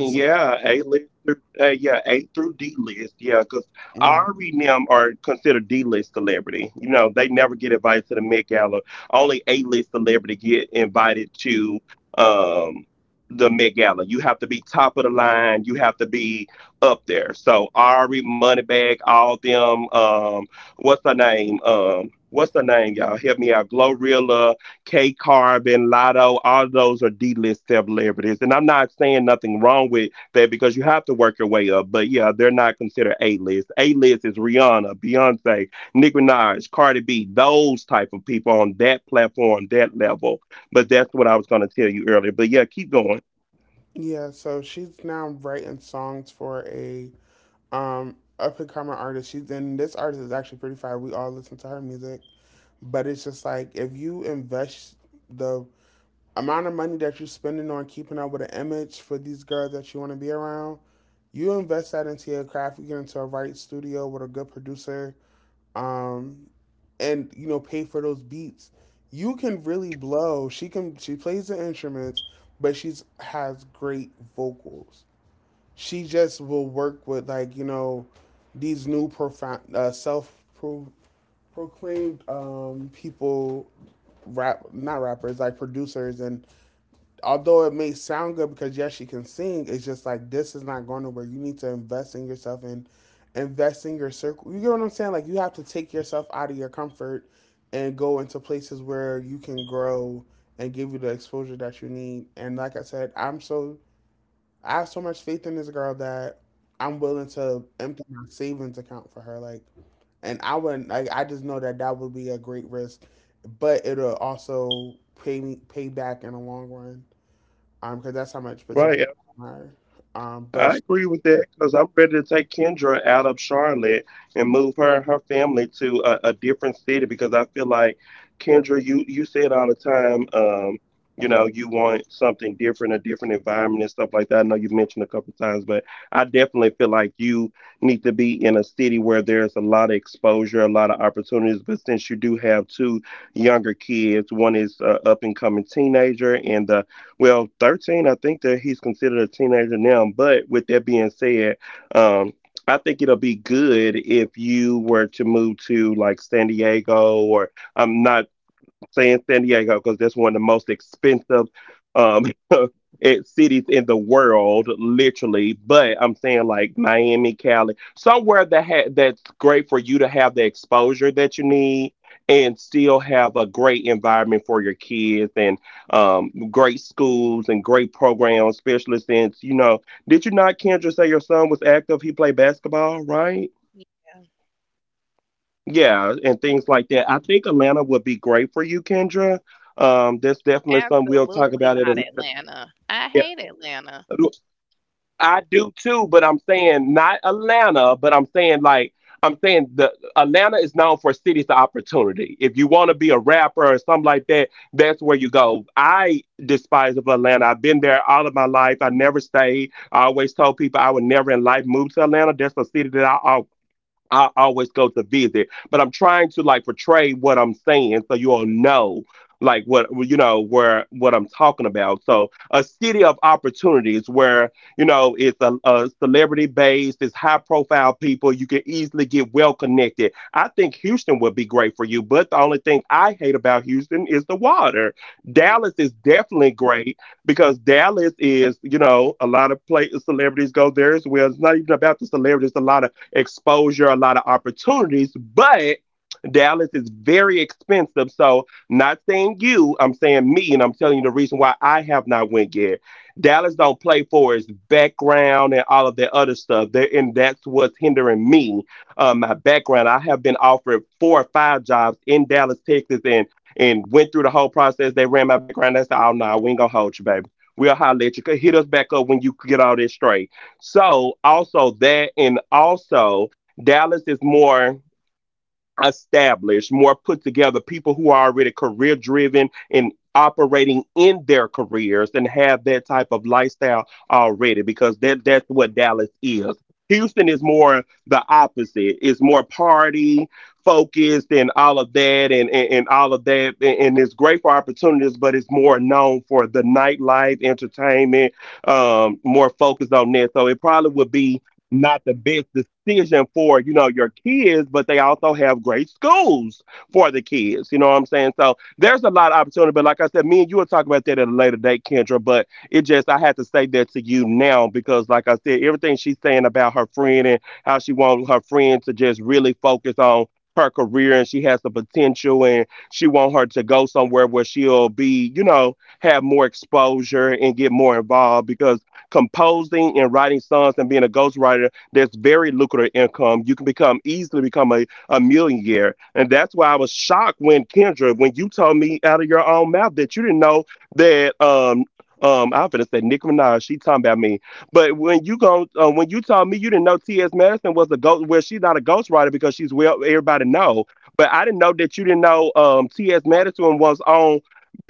Speaker 1: Cool. Yeah, A list through yeah, A through D list. Yeah, because
Speaker 2: Mm.
Speaker 1: Ari and them are considered D list celebrity. You know, they never get invited to the Met Gala. Only A list celebrity get invited to um the Met Gala. You have to be top of the line. You have to be up there. So Ari, Moneybag, all them. What's her name? What's her name, y'all? Help me out. Glorilla, K Carbon, Lotto, all those are D list celebrities. And I'm not saying nothing wrong with that because you have to work your way up. But yeah, they're not considered A list. A list is Rihanna, Beyonce, Nicki Minaj, Cardi B, those type of people on that platform, that level. But that's what I was going to tell you earlier. But yeah, keep going.
Speaker 2: Yeah, so she's now writing songs for a up and coming artist. She's and This artist is actually pretty fire. We all listen to her music, but it's just like, if you invest the amount of money that you're spending on keeping up with an image for these girls that you want to be around, you invest that into your craft. You get into a right studio with a good producer um, and you know pay for those beats. You can really blow. She can. She plays the instruments, but she's has great vocals. She just will work with like you know these new profound self proclaimed people, rap not rappers like producers, and although it may sound good because yes, she can sing, it's just like this is not going nowhere. You need to invest in yourself and invest in your circle. You get what I'm saying? Like you have to take yourself out of your comfort and go into places where you can grow and give you the exposure that you need. And like I said, I have so much faith in this girl that I'm willing to empty my savings account for her. And I wouldn't like I just know that that would be a great risk, but it'll also pay back in the long run because that's how much potential
Speaker 1: Right?
Speaker 2: I have in her. Um, but
Speaker 1: I
Speaker 2: she,
Speaker 1: agree with that because I'm ready to take Kendra out of Charlotte and move her and her family to a different city because I feel like Kendra, you say it all the time. You know, you want something different, a different environment and stuff like that. I know you've mentioned a couple times, but I definitely feel like you need to be in a city where there's a lot of exposure, a lot of opportunities. But since you do have two younger kids, one is up and coming teenager, and the well, 13, I think that he's considered a teenager now. But with that being said, um, I think it'll be good if you were to move to like San Diego, or I'm not saying San Diego because that's one of the most expensive um cities in the world, literally. But I'm saying like Miami, Cali, somewhere that that's great for you to have the exposure that you need and still have a great environment for your kids and great schools and great programs, especially since you know, did you not Kendra say your son was active? He played basketball, right?
Speaker 3: Yeah.
Speaker 1: Yeah, and things like that. I think Atlanta would be great for you, Kendra. That's definitely something we'll talk
Speaker 3: Absolutely
Speaker 1: about at a
Speaker 3: not
Speaker 1: later.
Speaker 3: Atlanta. I
Speaker 1: Yeah,
Speaker 3: hate Atlanta.
Speaker 1: I do too, but I'm saying not Atlanta, but I'm saying like I'm saying the Atlanta is known for cities of opportunity. If you want to be a rapper or something like that, that's where you go. I despise of Atlanta. I've been there all of my life. I never stayed. I always told people I would never in life move to Atlanta. That's a city that I always go to visit, but I'm trying to like portray what I'm saying so you all know like what you know where what I'm talking about. So a city of opportunities where you know it's a celebrity based, it's high profile people. You can easily get well connected. I think Houston would be great for you, but the only thing I hate about Houston is the water.
Speaker 3: Yeah.
Speaker 1: Dallas is definitely great because Dallas is you know a lot of play celebrities go there as well. It's not even about the celebrities. A lot of exposure, a lot of opportunities, but Dallas is very expensive. So not saying you, I'm saying me, and I'm telling you the reason why I have not went yet. Dallas don't play for its background and all of that other stuff. There and that's what's hindering me. My background. I have been offered four or five jobs in Dallas, Texas, and went through the whole process. They ran my background. They said, "Oh no, we ain't gonna hold you, baby. We'll holler at you. Hit us back up when you get all this straight." So also that and also Dallas is more established, more put together, people who are already career driven and operating in their careers and have that type of lifestyle already because that's what Dallas is. Houston is more the opposite. It's more party focused and all of that and all of that. And it's great for opportunities, but it's more known for the nightlife, entertainment, more focused on that. So it probably would be not the best decision for you know your kids, but they also have great schools for the kids, you know what I'm saying, so there's a lot of opportunity. But like I said, me and you will talk about that at a later date, Kendra. But it just, I had to say that to you now because like I said, everything she's saying about her friend and how she wants her friend to just really focus on her career and she has the potential and she want her to go somewhere where she'll be you know have more exposure and get more involved. Because composing and writing songs and being a ghostwriter, there's very lucrative income. You can become easily become a millionaire. And that's why I was shocked when Kendra, when you told me out of your own mouth that you didn't know that I'm to say Nicki Minaj. She talking about me, but when you go, when you told me you didn't know T.S. Madison was a ghost, well, she's not a ghostwriter because she's well, everybody know. But I didn't know that you didn't know T.S. Madison was on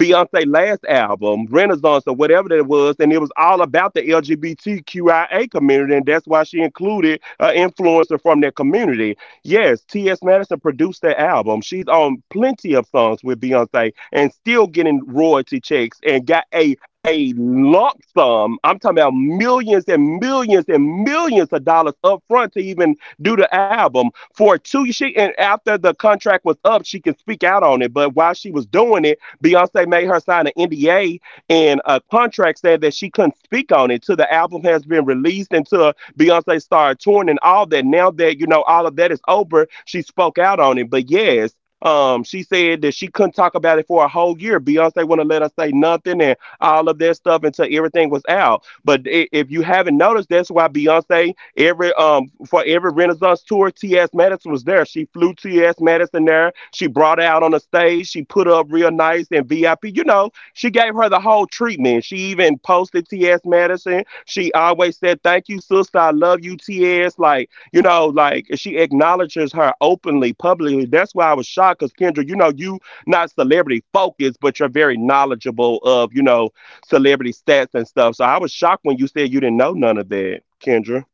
Speaker 1: Beyonce last album, Renaissance or whatever that was, and it was all about the LGBTQIA community, and that's why she included an influencer from that community. Yes, T.S. Madison produced that album. She's on plenty of songs with Beyonce and still getting royalty checks and got a lump sum. I'm talking about millions and millions and millions of dollars up front to even do the album for two. She and after the contract was up, she can speak out on it. But while she was doing it, Beyonce made her sign an NDA and a contract said that she couldn't speak on it till the album has been released until Beyonce started touring and all that. Now that you know all of that is over, she spoke out on it. But yes, she said that she couldn't talk about it for a whole year. Beyonce wouldn't let her say nothing and all of that stuff until everything was out. But if you haven't noticed, that's why Beyonce every for every Renaissance tour, T.S. Madison was there. She flew T.S. Madison there. She brought her out on the stage. She put her up real nice and VIP. You know, she gave her the whole treatment. She even posted T.S. Madison. She always said, "Thank you, sister. I love you, T. S." Like you know, like she acknowledges her openly, publicly. That's why I was shocked, cause Kendra, you know, you not celebrity focused, but you're very knowledgeable of you know celebrity stats and stuff. So I was shocked when you said you didn't know none of that, Kendra.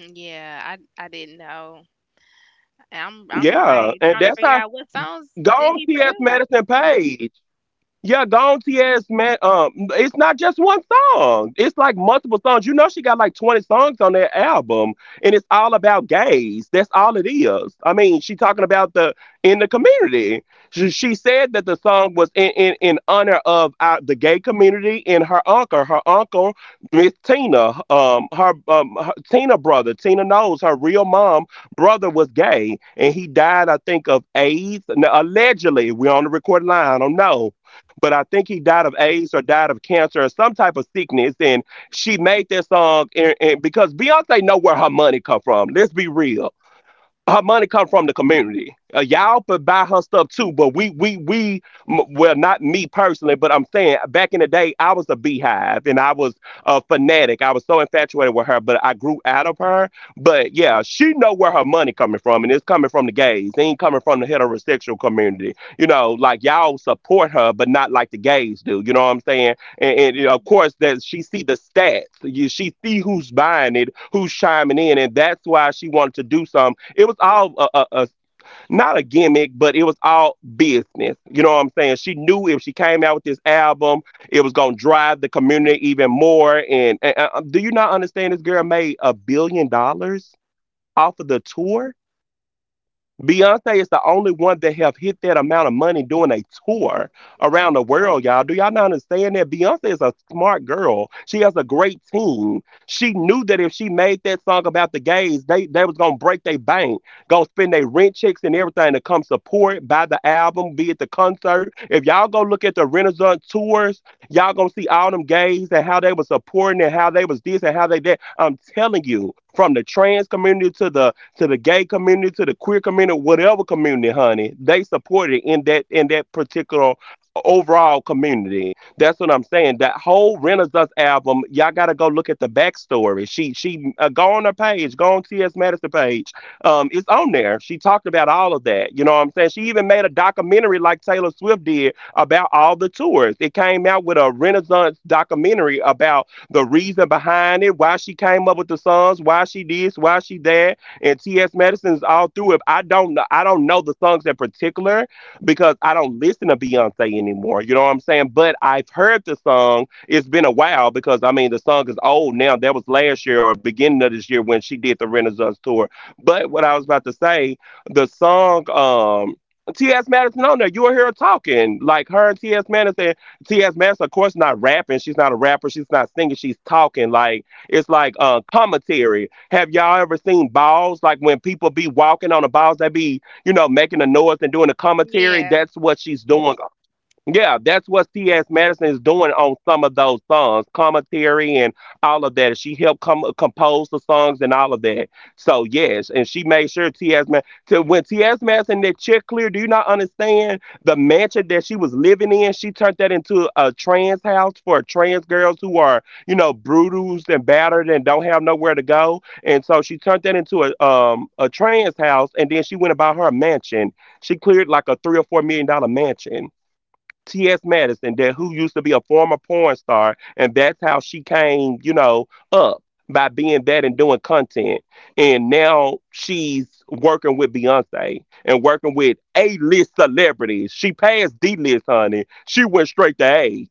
Speaker 3: Yeah, I didn't know. I'm
Speaker 1: Yeah,
Speaker 3: like
Speaker 1: and
Speaker 3: trying to
Speaker 1: that's
Speaker 3: figure
Speaker 1: how
Speaker 3: out what songs did
Speaker 1: gone
Speaker 3: he
Speaker 1: T.S.
Speaker 3: produce.
Speaker 1: Madison Page. Yeah, Gaunty ass man. It's not just one song. It's like multiple songs. You know, she got like 20 songs on that album, and it's all about gays. That's all it is. I mean, she talking about the in the community. She said that the song was in honor of the gay community and her uncle. Her uncle, Miss Tina. Her her, Tina brother. Tina knows her real mom brother was gay, and he died, I think, of AIDS. Now, allegedly, we're on the recorded line. I don't know, but I think he died of AIDS or died of cancer or some type of sickness. And she made this song, and because Beyonce know where her money come from. Let's be real, her money come from the community. Y'all could buy her stuff too, but well not me personally, but I'm saying back in the day I was a beehive and I was a fanatic. I was so infatuated with her, but I grew out of her. But yeah, she know where her money coming from, and it's coming from the gays. It ain't coming from the heterosexual community. You know, like y'all support her, but not like the gays do. You know what I'm saying? And you know, of
Speaker 3: Mhm.
Speaker 1: course, that she see the stats. You, she see who's buying it, who's chiming in, and that's why she wanted to do some. It was all a not a gimmick, but it was all business. You know what I'm saying? She knew if she came out with this album, it was gonna drive the community even more. And Do you not understand? This girl made a billion dollars off of the tour. Beyonce is the only one that have hit that amount of money doing a tour around the world, y'all. Do y'all not understand that? Beyonce is a smart girl. She has a great team. She knew that if she made that song about the gays, they was gonna break their bank, gonna spend their rent checks and everything to come support, buy the album, be at the concert. If y'all go look at the Renaissance tours, y'all gonna see all them gays and how they was supporting and how they was this and how they that. I'm telling you, from the trans community to the gay community, to the queer community, whatever community, honey. They support it in that particular overall community. That's what I'm saying. That whole Renaissance album, y'all gotta go look at the backstory. She Go on her page, go on T.S. Madison page. It's on there. She talked about all of that. You know what I'm saying? She even made a documentary like Taylor Swift did about all the tours. It came out with a Renaissance documentary about the reason behind it, why she came up with the songs, why she this, why she that, and T.S. Madison's all through it. I don't know. I don't know the songs in particular because I don't listen to Beyonce anymore. You know what I'm saying? But I've heard the song. It's been a while because I mean the song is old now. That was last year or beginning of this year when she did the Renaissance tour. But what I was about to say, the song. T.S. Madison on there, you were here talking like her and T.S. Madison. T.S. Madison, of course, not rapping. She's not a rapper. She's not singing. She's talking like it's like commentary. Have y'all ever seen balls? Like when people be walking on the balls, they be, you know, making a noise and doing a commentary.
Speaker 3: Yeah,
Speaker 1: That's what she's doing. Yeah, that's what C.S. Madison is doing on some of those songs, commentary and all of that. She helped compose the songs and all of that. So yes, and she made sure to when T.S. Madison did check clear. Do you not understand the mansion that she was living in? She turned that into a trans house for trans girls who are you know bruised and battered and don't have nowhere to go. And so she turned that into a trans house, and then she went about her mansion. She cleared like a three or four million dollar mansion. T.S. Madison, that who used to be a former porn star, and that's how she came, you know, up by being that and doing content. And now she's working with Beyonce and working with A-list celebrities. She passed D-list, honey. She went straight to A.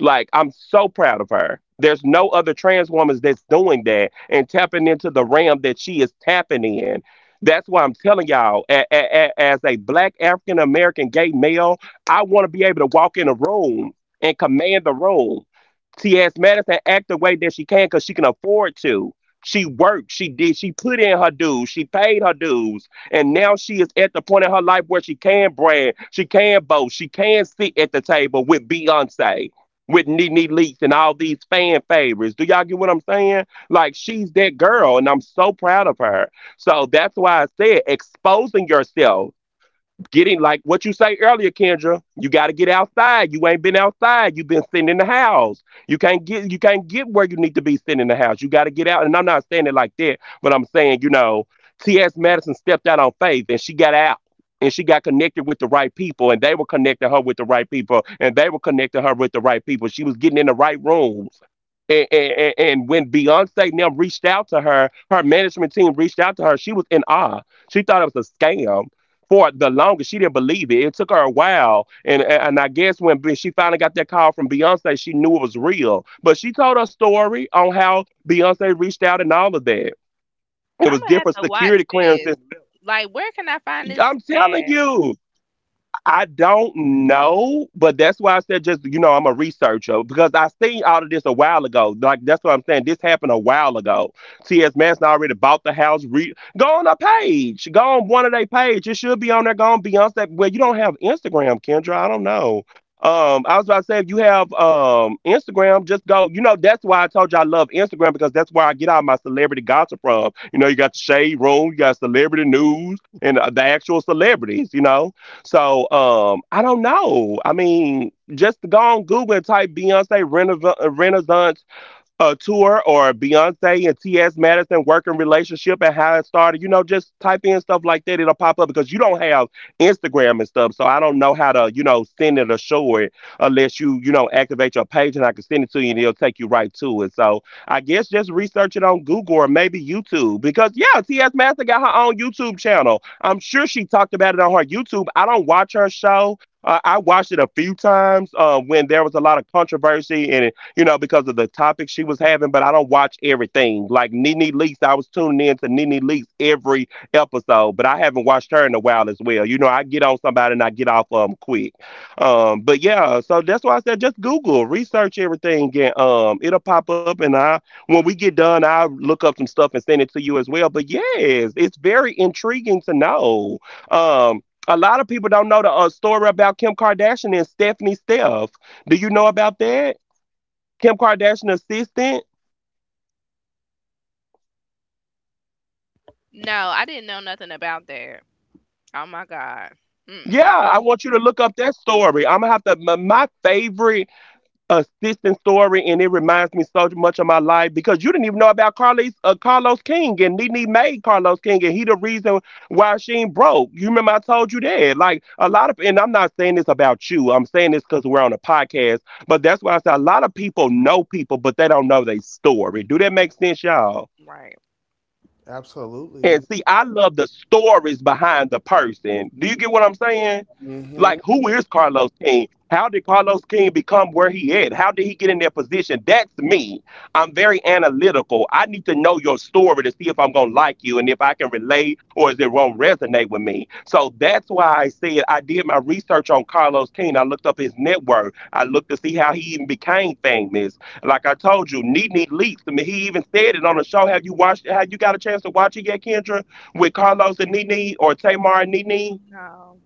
Speaker 1: Like, I'm so proud of her. There's no other trans woman that's doing that and tapping into the realm that she is tapping in. That's why I'm telling y'all, as a black African American gay male, I want to be able to walk in a room and command the room. T.S. Madison act the way that she can because she can afford to. She worked, she did, she put in her dues, she paid her dues, and now she is at the point in her life where she can brand, she can boast, she can sit at the table with Beyonce, with Nene Leaks and all these fan favorites. Do y'all get what I'm saying? Like she's that girl, and I'm so proud of her. So that's why I said exposing yourself. Getting like what you say earlier, Kendra, you gotta get outside. You ain't been outside. You've been sitting in the house. You can't get where you need to be sitting in the house. You gotta get out. And I'm not saying it like that, but I'm saying, you know, T. S. Madison stepped out on faith and she got out. And she got connected with the right people, and they were connecting her with the right people, and they were connecting her with the right people. She was getting in the right rooms, and when Beyonce now reached out to her, her management team reached out to her. She was in awe. She thought it was a scam for the longest. She didn't believe it. It took her a while, and I guess when she finally got that call from Beyonce, she knew it was real. But she told her story on how Beyonce reached out and all of that. It
Speaker 3: I'm
Speaker 1: was
Speaker 3: gonna have
Speaker 1: different
Speaker 3: to
Speaker 1: security
Speaker 3: watch this.
Speaker 1: clearances.
Speaker 3: Like, where can I find this
Speaker 1: I'm telling
Speaker 3: at?
Speaker 1: you. I don't know, but that's why I said just you know I'm a researcher because I seen all of this a while ago. Like that's what I'm saying. This happened a while ago. T.S. Manson already bought the house. Go on a page. Go on one of their page. It should be on there. Go on Beyonce. Well, you don't have Instagram, Kendra. I don't know. I was about to say if you have Instagram, just go. You know that's why I told you I love Instagram because that's where I get all my celebrity gossip from. You know you got the shade room, you got celebrity news, and the actual celebrities. You know. So I don't know. I mean, just go on Google and type Beyonce Renaissance, a tour or Beyonce and T.S. Madison working relationship and how it started. You know, just type in stuff like that. It'll pop up because you don't have Instagram and stuff. So I don't know how to, you know, send it or show it unless you, you know, activate your page and I can send it to you and it'll take you right to it. So I guess just research it on Google or maybe YouTube because, yeah, T.S. Madison got her own YouTube channel. I'm sure she talked about it on her YouTube. I don't watch her show. I watched it a few times when there was a lot of controversy and you know, because of the topic she was having, but I don't watch everything. Like Nene Leakes, I was tuning in to Nene Leakes every episode, but I haven't watched her in a while as well. You know, I get on somebody and I get off of them quick. But yeah, so that's why I said just Google, research everything, and it'll pop up. And I, when we get done, I'll look up some stuff and send it to you as well. But yes, it's very intriguing to know. A lot of people don't know the story about Kim Kardashian and Stephanie Steph. Do you know about that? Kim Kardashian assistant.
Speaker 3: No, I didn't know nothing about that. Oh my god. Mm mm.
Speaker 1: Yeah, I want you to look up that story. I'm gonna have to. My favorite assistant story, and it reminds me so much of my life because you didn't even know about Carlos Carlos King, and Nene made Carlos King, and he the reason why she ain't broke. You remember I told you that. Like a lot of, and I'm not saying this about you. I'm saying this because we're on a podcast. But that's why I said a lot of people know people, but they don't know their story. Do that make sense, y'all?
Speaker 3: Right.
Speaker 1: And
Speaker 2: Absolutely.
Speaker 1: see, I love the stories behind the person. Do you get what I'm saying?
Speaker 2: Hmm,
Speaker 1: Like, who is Carlos King? How did Carlos King become where he at? How did he get in that position? That's me. I'm very analytical. I need to know your story to see if I'm gonna like you and if I can relate or is it won't resonate with me. So that's why I said I did my research on Carlos King. I looked up his network. I looked to see how he even became famous. Like I told you, Nene leaks. I mean, he even said it on the show. Have you watched? Have you got a chance to watch it yet, Kendra? With Carlos and Nene or Tamar and Nene?
Speaker 3: No,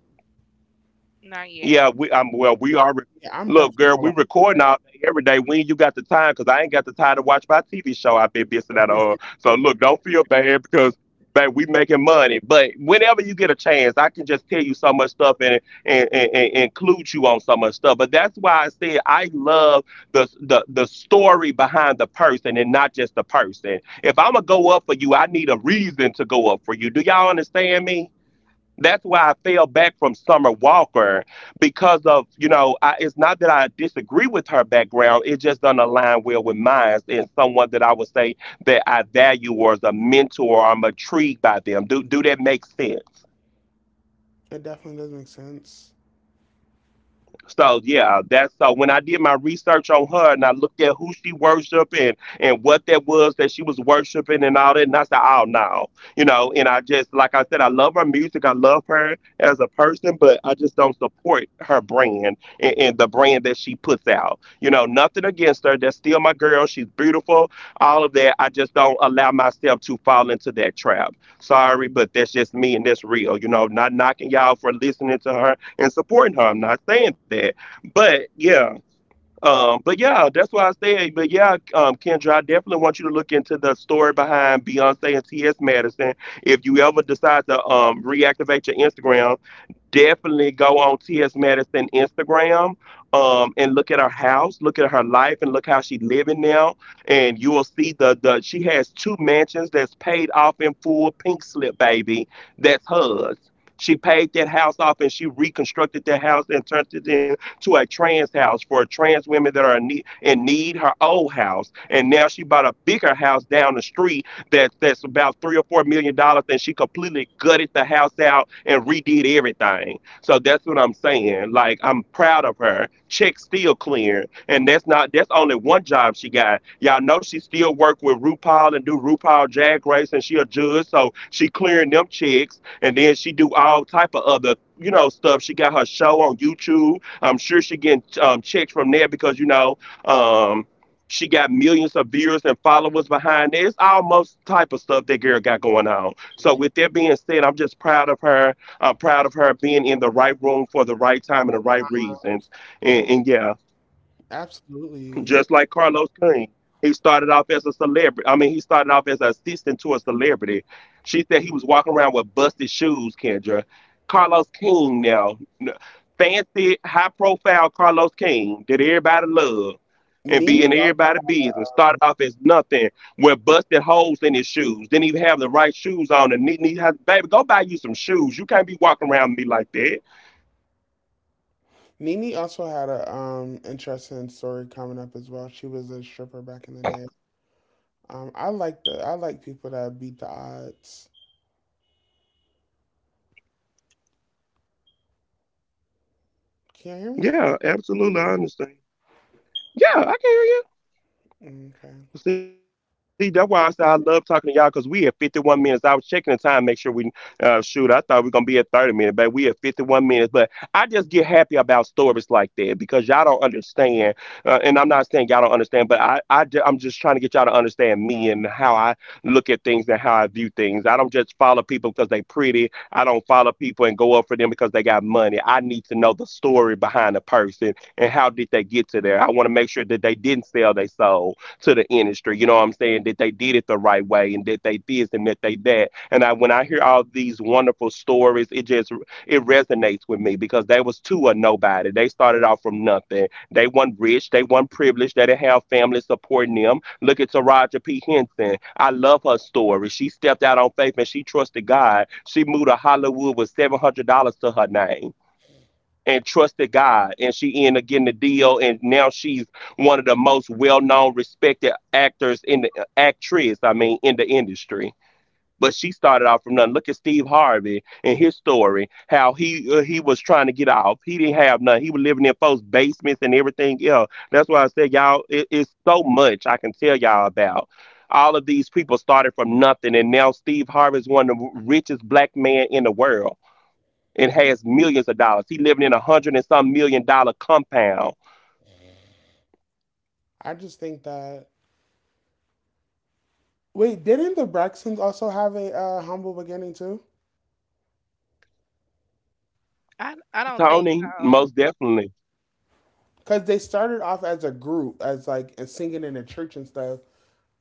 Speaker 3: not yet.
Speaker 1: Yeah, we well we
Speaker 2: yeah, I'm
Speaker 1: look,
Speaker 2: definitely
Speaker 1: girl,
Speaker 2: gonna
Speaker 1: we
Speaker 2: watch
Speaker 1: recording all day every day. When you got the time, because I ain't got the time to watch my TV show I've been missing out on.
Speaker 2: it.
Speaker 1: So look, don't feel bad because babe, we making money. But whenever you get a chance, I can just tell you so much stuff and include you on so much stuff. But that's why I said I love the story behind the person and not just the person. If I'm gonna go up for you, I need a reason to go up for you. Do y'all understand me? That's why I fell back from Summer Walker because of, you know, I, it's not that I disagree with her background. It just doesn't align well with mine and someone that I would say that I value or as a mentor or I'm intrigued by them. Do that make sense?
Speaker 2: It definitely does make sense.
Speaker 1: So yeah, that's so when I did my research on her and I looked at who she worshiped and what that was that she was worshiping and all that, and I said, oh no, And I just, like I said, I love her music, I love her as a person, but I just don't support her brand and the brand that she puts out. You know, nothing against her. That's still my girl. She's beautiful, all of that. I just don't allow myself to fall into that trap. Sorry, but that's just me and that's real. You know, not knocking y'all for listening to her and supporting her. I'm not saying that, but yeah, but yeah, that's what I said. Kendra, I definitely want you to look into the story behind Beyonce and T.S. Madison. If you ever decide to reactivate your Instagram, definitely go on T.S. Madison Instagram, and look at her house, look at her life, and look how she's living now. And you will see the she has two mansions that's paid off in full, pink slip, baby. That's hers. She paid that house off and she reconstructed that house and turned it into a trans house for trans women that are in need, in need, her old house. And now she bought a bigger house down the street that that's about $3 or 4 million, and she completely gutted the house out and redid everything. So that's what I'm saying. Like, I'm proud of her. Check still clearing, and that's not that's only one job she got. Y'all know she still work with RuPaul and do RuPaul Drag Race, and she a judge, so she clearing them checks, and then she do all type of other, you know, stuff. She got her show on YouTube. I'm sure she getting, checks from there because you know um she got millions of viewers and followers behind it. It's almost type of stuff that girl got going on. So with that being said, I'm just proud of her. I'm proud of her being in the right room for the right time and the
Speaker 2: Like,
Speaker 1: right reasons. And yeah,
Speaker 2: absolutely.
Speaker 1: just like Carlos King. He started off as an assistant to a celebrity. She said he was walking around with busted shoes, Kendra. Carlos King now, fancy, high profile Carlos King, that everybody love and be
Speaker 2: Nini,
Speaker 1: in everybody's business. Started off as nothing, with busted holes in his shoes. Didn't even have the right shoes on. And he has, baby, go buy you some shoes. You can't be walking around me like that.
Speaker 2: Nini also had a interesting story coming up as well. She was a stripper back in the day. I like the I like people that beat the odds. Can you hear me?
Speaker 1: Yeah, absolutely. I understand. Yeah, I can hear you.
Speaker 2: Mm, okay.
Speaker 1: See, that's why I said I love talking to y'all, because we at 51 minutes. I was checking the time, make sure we shoot. I thought we were gonna be at 30 minutes, but we at 51 minutes. But I just get happy about stories like that because y'all don't understand, and I'm not saying y'all don't understand, but I'm just trying to get y'all to understand me and how I look at things and how I view things. I don't just follow people because they pretty. I don't follow people and go up for them because they got money. I need to know the story behind the person and how did they get to there. I want to make sure that they didn't sell their soul to the industry. You know what I'm saying? That they did it the right way and that they this and that they that. And I, when I hear all these wonderful stories, it just it resonates with me because they was two or nobody. They started off from nothing. They weren't rich. They weren't privileged. They didn't have family supporting them. Look at Taraja P. Henson. I love her story. She stepped out on faith and she trusted God. She moved to Hollywood with $700 to her name and trusted God. And she ended up getting the deal, and now she's one of the most well-known, respected actors in the, actress. I mean, in the industry. But she started off from nothing. Look at Steve Harvey and his story. How he, he was trying to get off. He didn't have none. He was living in folks' basements and everything else. That's why I said, y'all, it's so much I can tell y'all about. All of these people started from nothing, and now Steve Harvey is one of the richest black men in the world and has millions of dollars. He living in a hundred and some million dollar compound.
Speaker 2: I just think that. Wait, didn't the Braxtons also have a humble beginning too?
Speaker 3: I don't think
Speaker 1: Tony,
Speaker 3: so.
Speaker 1: most definitely.
Speaker 2: Because they started off as a group, as like as singing in a church and stuff.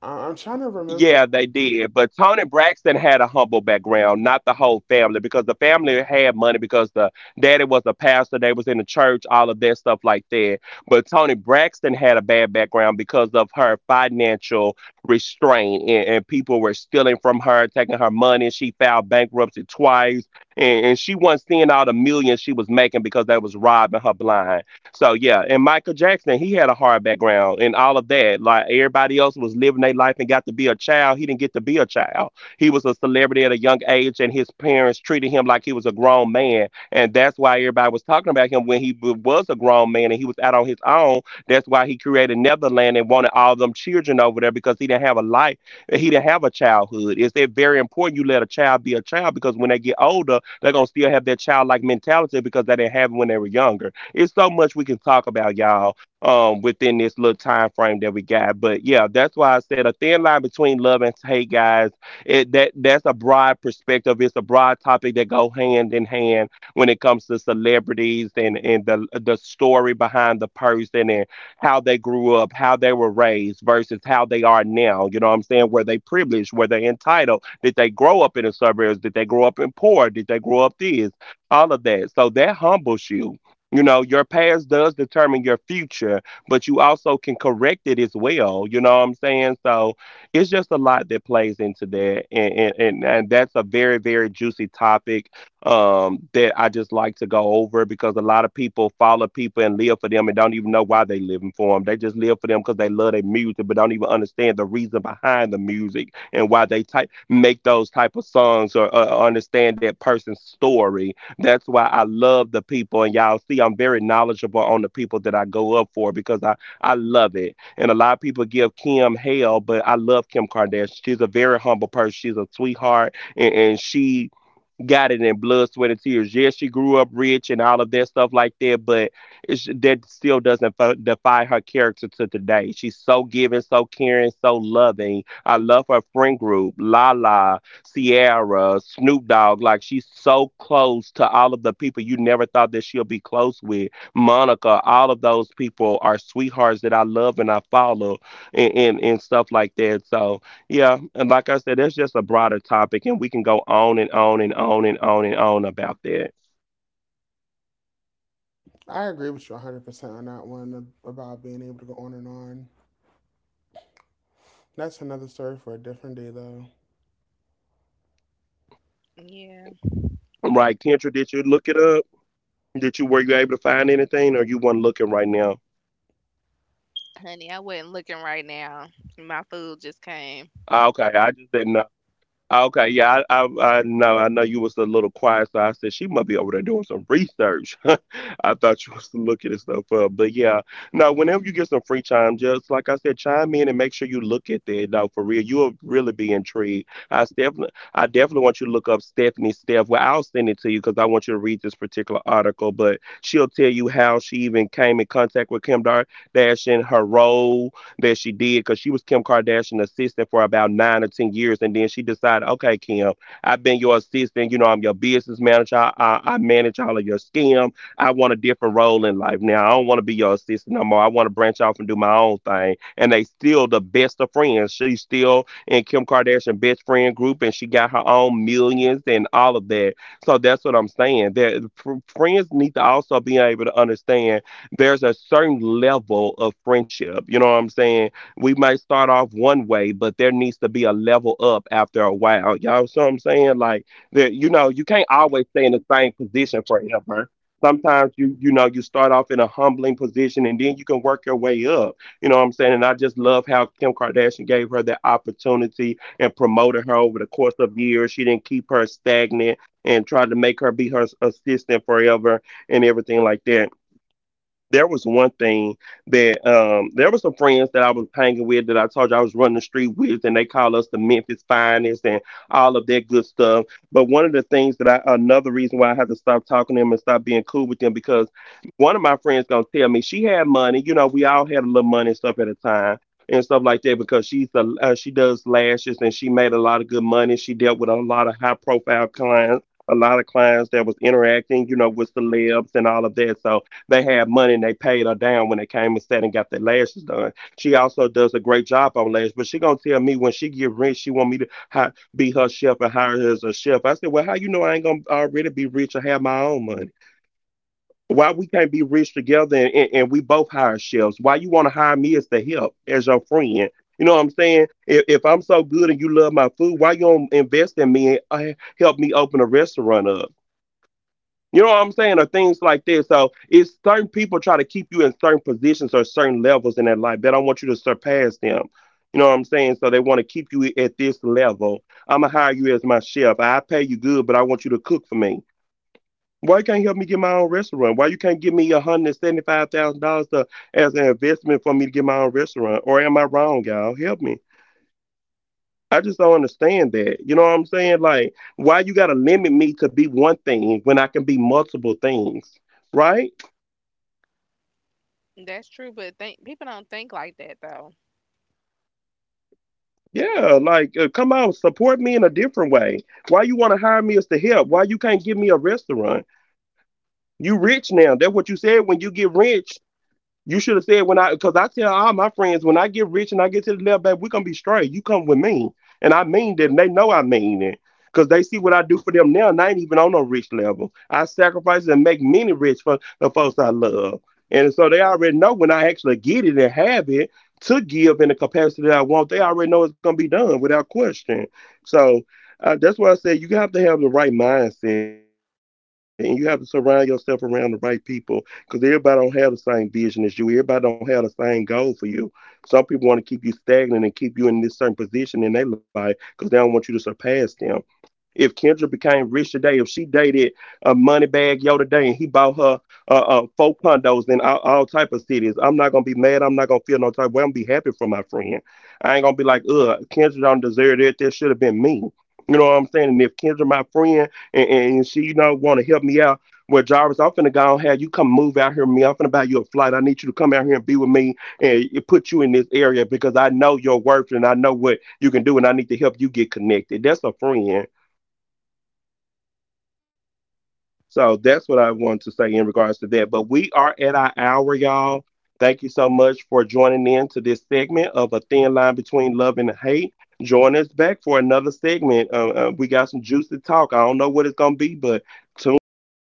Speaker 2: I'm trying to remember.
Speaker 1: Yeah, they did. But Tony Braxton had a humble background, not the whole family, because the family had money because the daddy was a pastor, they was in the church, all of that stuff like that. But Tony Braxton had a bad background because of her financial restraint, and people were stealing from her, taking her money. She filed bankruptcy twice, and she wasn't seeing all the millions she was making because they was robbing her blind. So yeah, and Michael Jackson, he had a hard background and all of that. Like everybody else was living their life and got to be a child. He didn't get to be a child. He was a celebrity at a young age, and his parents treated him like he was a grown man, and that's why everybody was talking about him when was a grown man and he was out on his own. That's why he created Neverland and wanted all them children over there because he didn't have a life. He didn't have a childhood. It's that very important you let a child be a child, because when they get older, they're gonna still have that childlike mentality because they didn't have it when they were younger. It's so much we can talk about, y'all, within this little time frame that we got. But yeah, that's why I said a thin line between love and hate, guys. That that's a broad perspective. It's a broad topic that go hand in hand when it comes to celebrities and the story behind the person and how they grew up, how they were raised versus how they are now. You know what I'm saying? Were they privileged? Were they entitled? Did they grow up in the suburbs? Did they grow up in poor? Did they grow up this? All of that. So that humbles you. You know, your past does determine your future, but you also can correct it as well. You know what I'm saying? So it's just a lot that plays into that. And that's a very, very juicy topic, that I just like to go over because a lot of people follow people and live for them and don't even know why they living for them. They just live for them because they love their music, but don't even understand the reason behind the music and why they type make those type of songs, or understand that person's story. That's why I love the people. And y'all see, I'm very knowledgeable on the people that I go up for because I love it. And a lot of people give Kim hell, but I love Kim Kardashian. She's a very humble person. She's a sweetheart. And she got it in blood, sweat, and tears. Yes, she grew up rich and all of that stuff like that, but that still doesn't define her character to today. She's so giving, so caring, so loving. I love her friend group, Lala, Sierra, Snoop Dogg. Like, she's so close to all of the people you never thought that she'll be close with. Monica, all of those people are sweethearts that I love and I follow, and stuff like that. So, yeah, and like I said, that's just a broader topic, and we can go on and on and on and on and on about that.
Speaker 2: I agree with you 100% on that one about being able to go on and on. That's another story for a different day, though.
Speaker 3: Yeah.
Speaker 1: Right, Kendra, did you look it up? Did you were you able to find anything, or you weren't looking right now?
Speaker 3: Honey, I wasn't looking right now. My food just came.
Speaker 1: Ah, okay, I just didn't know. Ah, okay, yeah, I know you was a little quiet, so I said she must be over there doing some research. I thought you was looking at stuff up, but yeah, no. Whenever you get some free time, just like I said, chime in and make sure you look at that. No, for real, you'll really be intrigued. I definitely want you to look up Stephanie Steph. Well, I'll send it to you because I want you to read this particular article. But she'll tell you how she even came in contact with Dash and her role that she did because she was Kim Kardashian's assistant for about 9 or 10 years, and then she decided, okay, Kim, I've been your assistant. You know, I'm your business manager. I manage all of your scam. I want a different role in life now. I don't want to be your assistant no more. I want to branch off and do my own thing. And they still the best of friends. She's still in Kim Kardashian best friend group, and she got her own millions and all of that. So that's what I'm saying. That friends need to also be able to understand there's a certain level of friendship. You know what I'm saying? We might start off one way, but there needs to be a level up after a while. Y'all see what I'm saying? Like that, you know, you can't always stay in the same position forever. Sometimes you start off in a humbling position and then you can work your way up. You know what I'm saying? And I just love how Kim Kardashian gave her that opportunity and promoted her over the course of years. She didn't keep her stagnant and tried to make her be her assistant forever and everything like that. There was one thing that there were some friends that I was hanging with that I told you I was running the street with, and they call us the Memphis finest and all of that good stuff. But one of the things that I another reason why I had to stop talking to them and stop being cool with them because one of my friends gonna tell me she had money. You know, we all had a little money and stuff at a time. And stuff like that because she's a she does lashes and she made a lot of good money. She dealt with a lot of high profile clients, a lot of clients that was interacting, you know, with celebs and all of that. So they had money and they paid her down when they came and sat and got their lashes done. She also does a great job on lashes, but she gonna tell me when she get rich, she want me to be her chef and hire her as a chef. I said, well, how you know I ain't gonna already be rich or have my own money? Why we can't be rich together, and we both hire chefs? Why you want to hire me as the help, as your friend? You know what I'm saying? If I'm so good and you love my food, why you don't invest in me and help me open a restaurant up? You know what I'm saying? Or things like this. So it's certain people try to keep you in certain positions or certain levels in their life. They don't want you to surpass them. You know what I'm saying? So they want to keep you at this level. I'm going to hire you as my chef. I pay you good, but I want you to cook for me. Why you can't help me get my own restaurant? Why you can't give me $175,000 as an investment for me to get my own restaurant? Or am I wrong, y'all? Help me. I just don't understand that. You know what I'm saying? Like, why you got to limit me to be one thing when I can be multiple things, right?
Speaker 3: That's true, but think people don't think like that though.
Speaker 1: Yeah, like come out, support me in a different way. Why you want to hire me as the help? Why you can't give me a restaurant? You rich now. That's what you said when you get rich. You should have said when because I tell all my friends when I get rich and I get to the level, baby, we gonna be straight. You come with me, and I mean that. And they know I mean it, because they see what I do for them now, and I ain't even on no rich level. I sacrifice and make many rich for the folks I love, and so they already know when I actually get it and have it to give in the capacity that I want. They already know it's gonna be done without question. So. That's why I said you have to have the right mindset and you have to surround yourself around the right people because everybody don't have the same vision as you. Everybody don't have the same goal for you. Some people want to keep you stagnant and keep you in this certain position in their life because they don't want you to surpass them. If Kendra became rich today, if she dated a money bag yo today and he bought her 4 condos in all type of cities, I'm not gonna be mad. I'm not gonna feel no type of way. I'm gonna be happy for my friend. I ain't gonna be like, ugh, Kendra don't deserve that. That should have been me. You know what I'm saying? And if Kendra my friend, and she, you know, wanna help me out, well Jarvis, I'm finna go on have you come move out here with me. I'm finna buy you a flight. I need you to come out here and be with me and it put you in this area because I know your worth and I know what you can do and I need to help you get connected. That's a friend. So that's what I
Speaker 3: Absolutely.
Speaker 1: wanted to say in regards to that. But we are at our hour, y'all. Thank you so much for joining in to this segment of A Thin Line Between Love and Hate. Join us back for another segment. We got some juicy talk. I don't know what it's going to be, but tune in and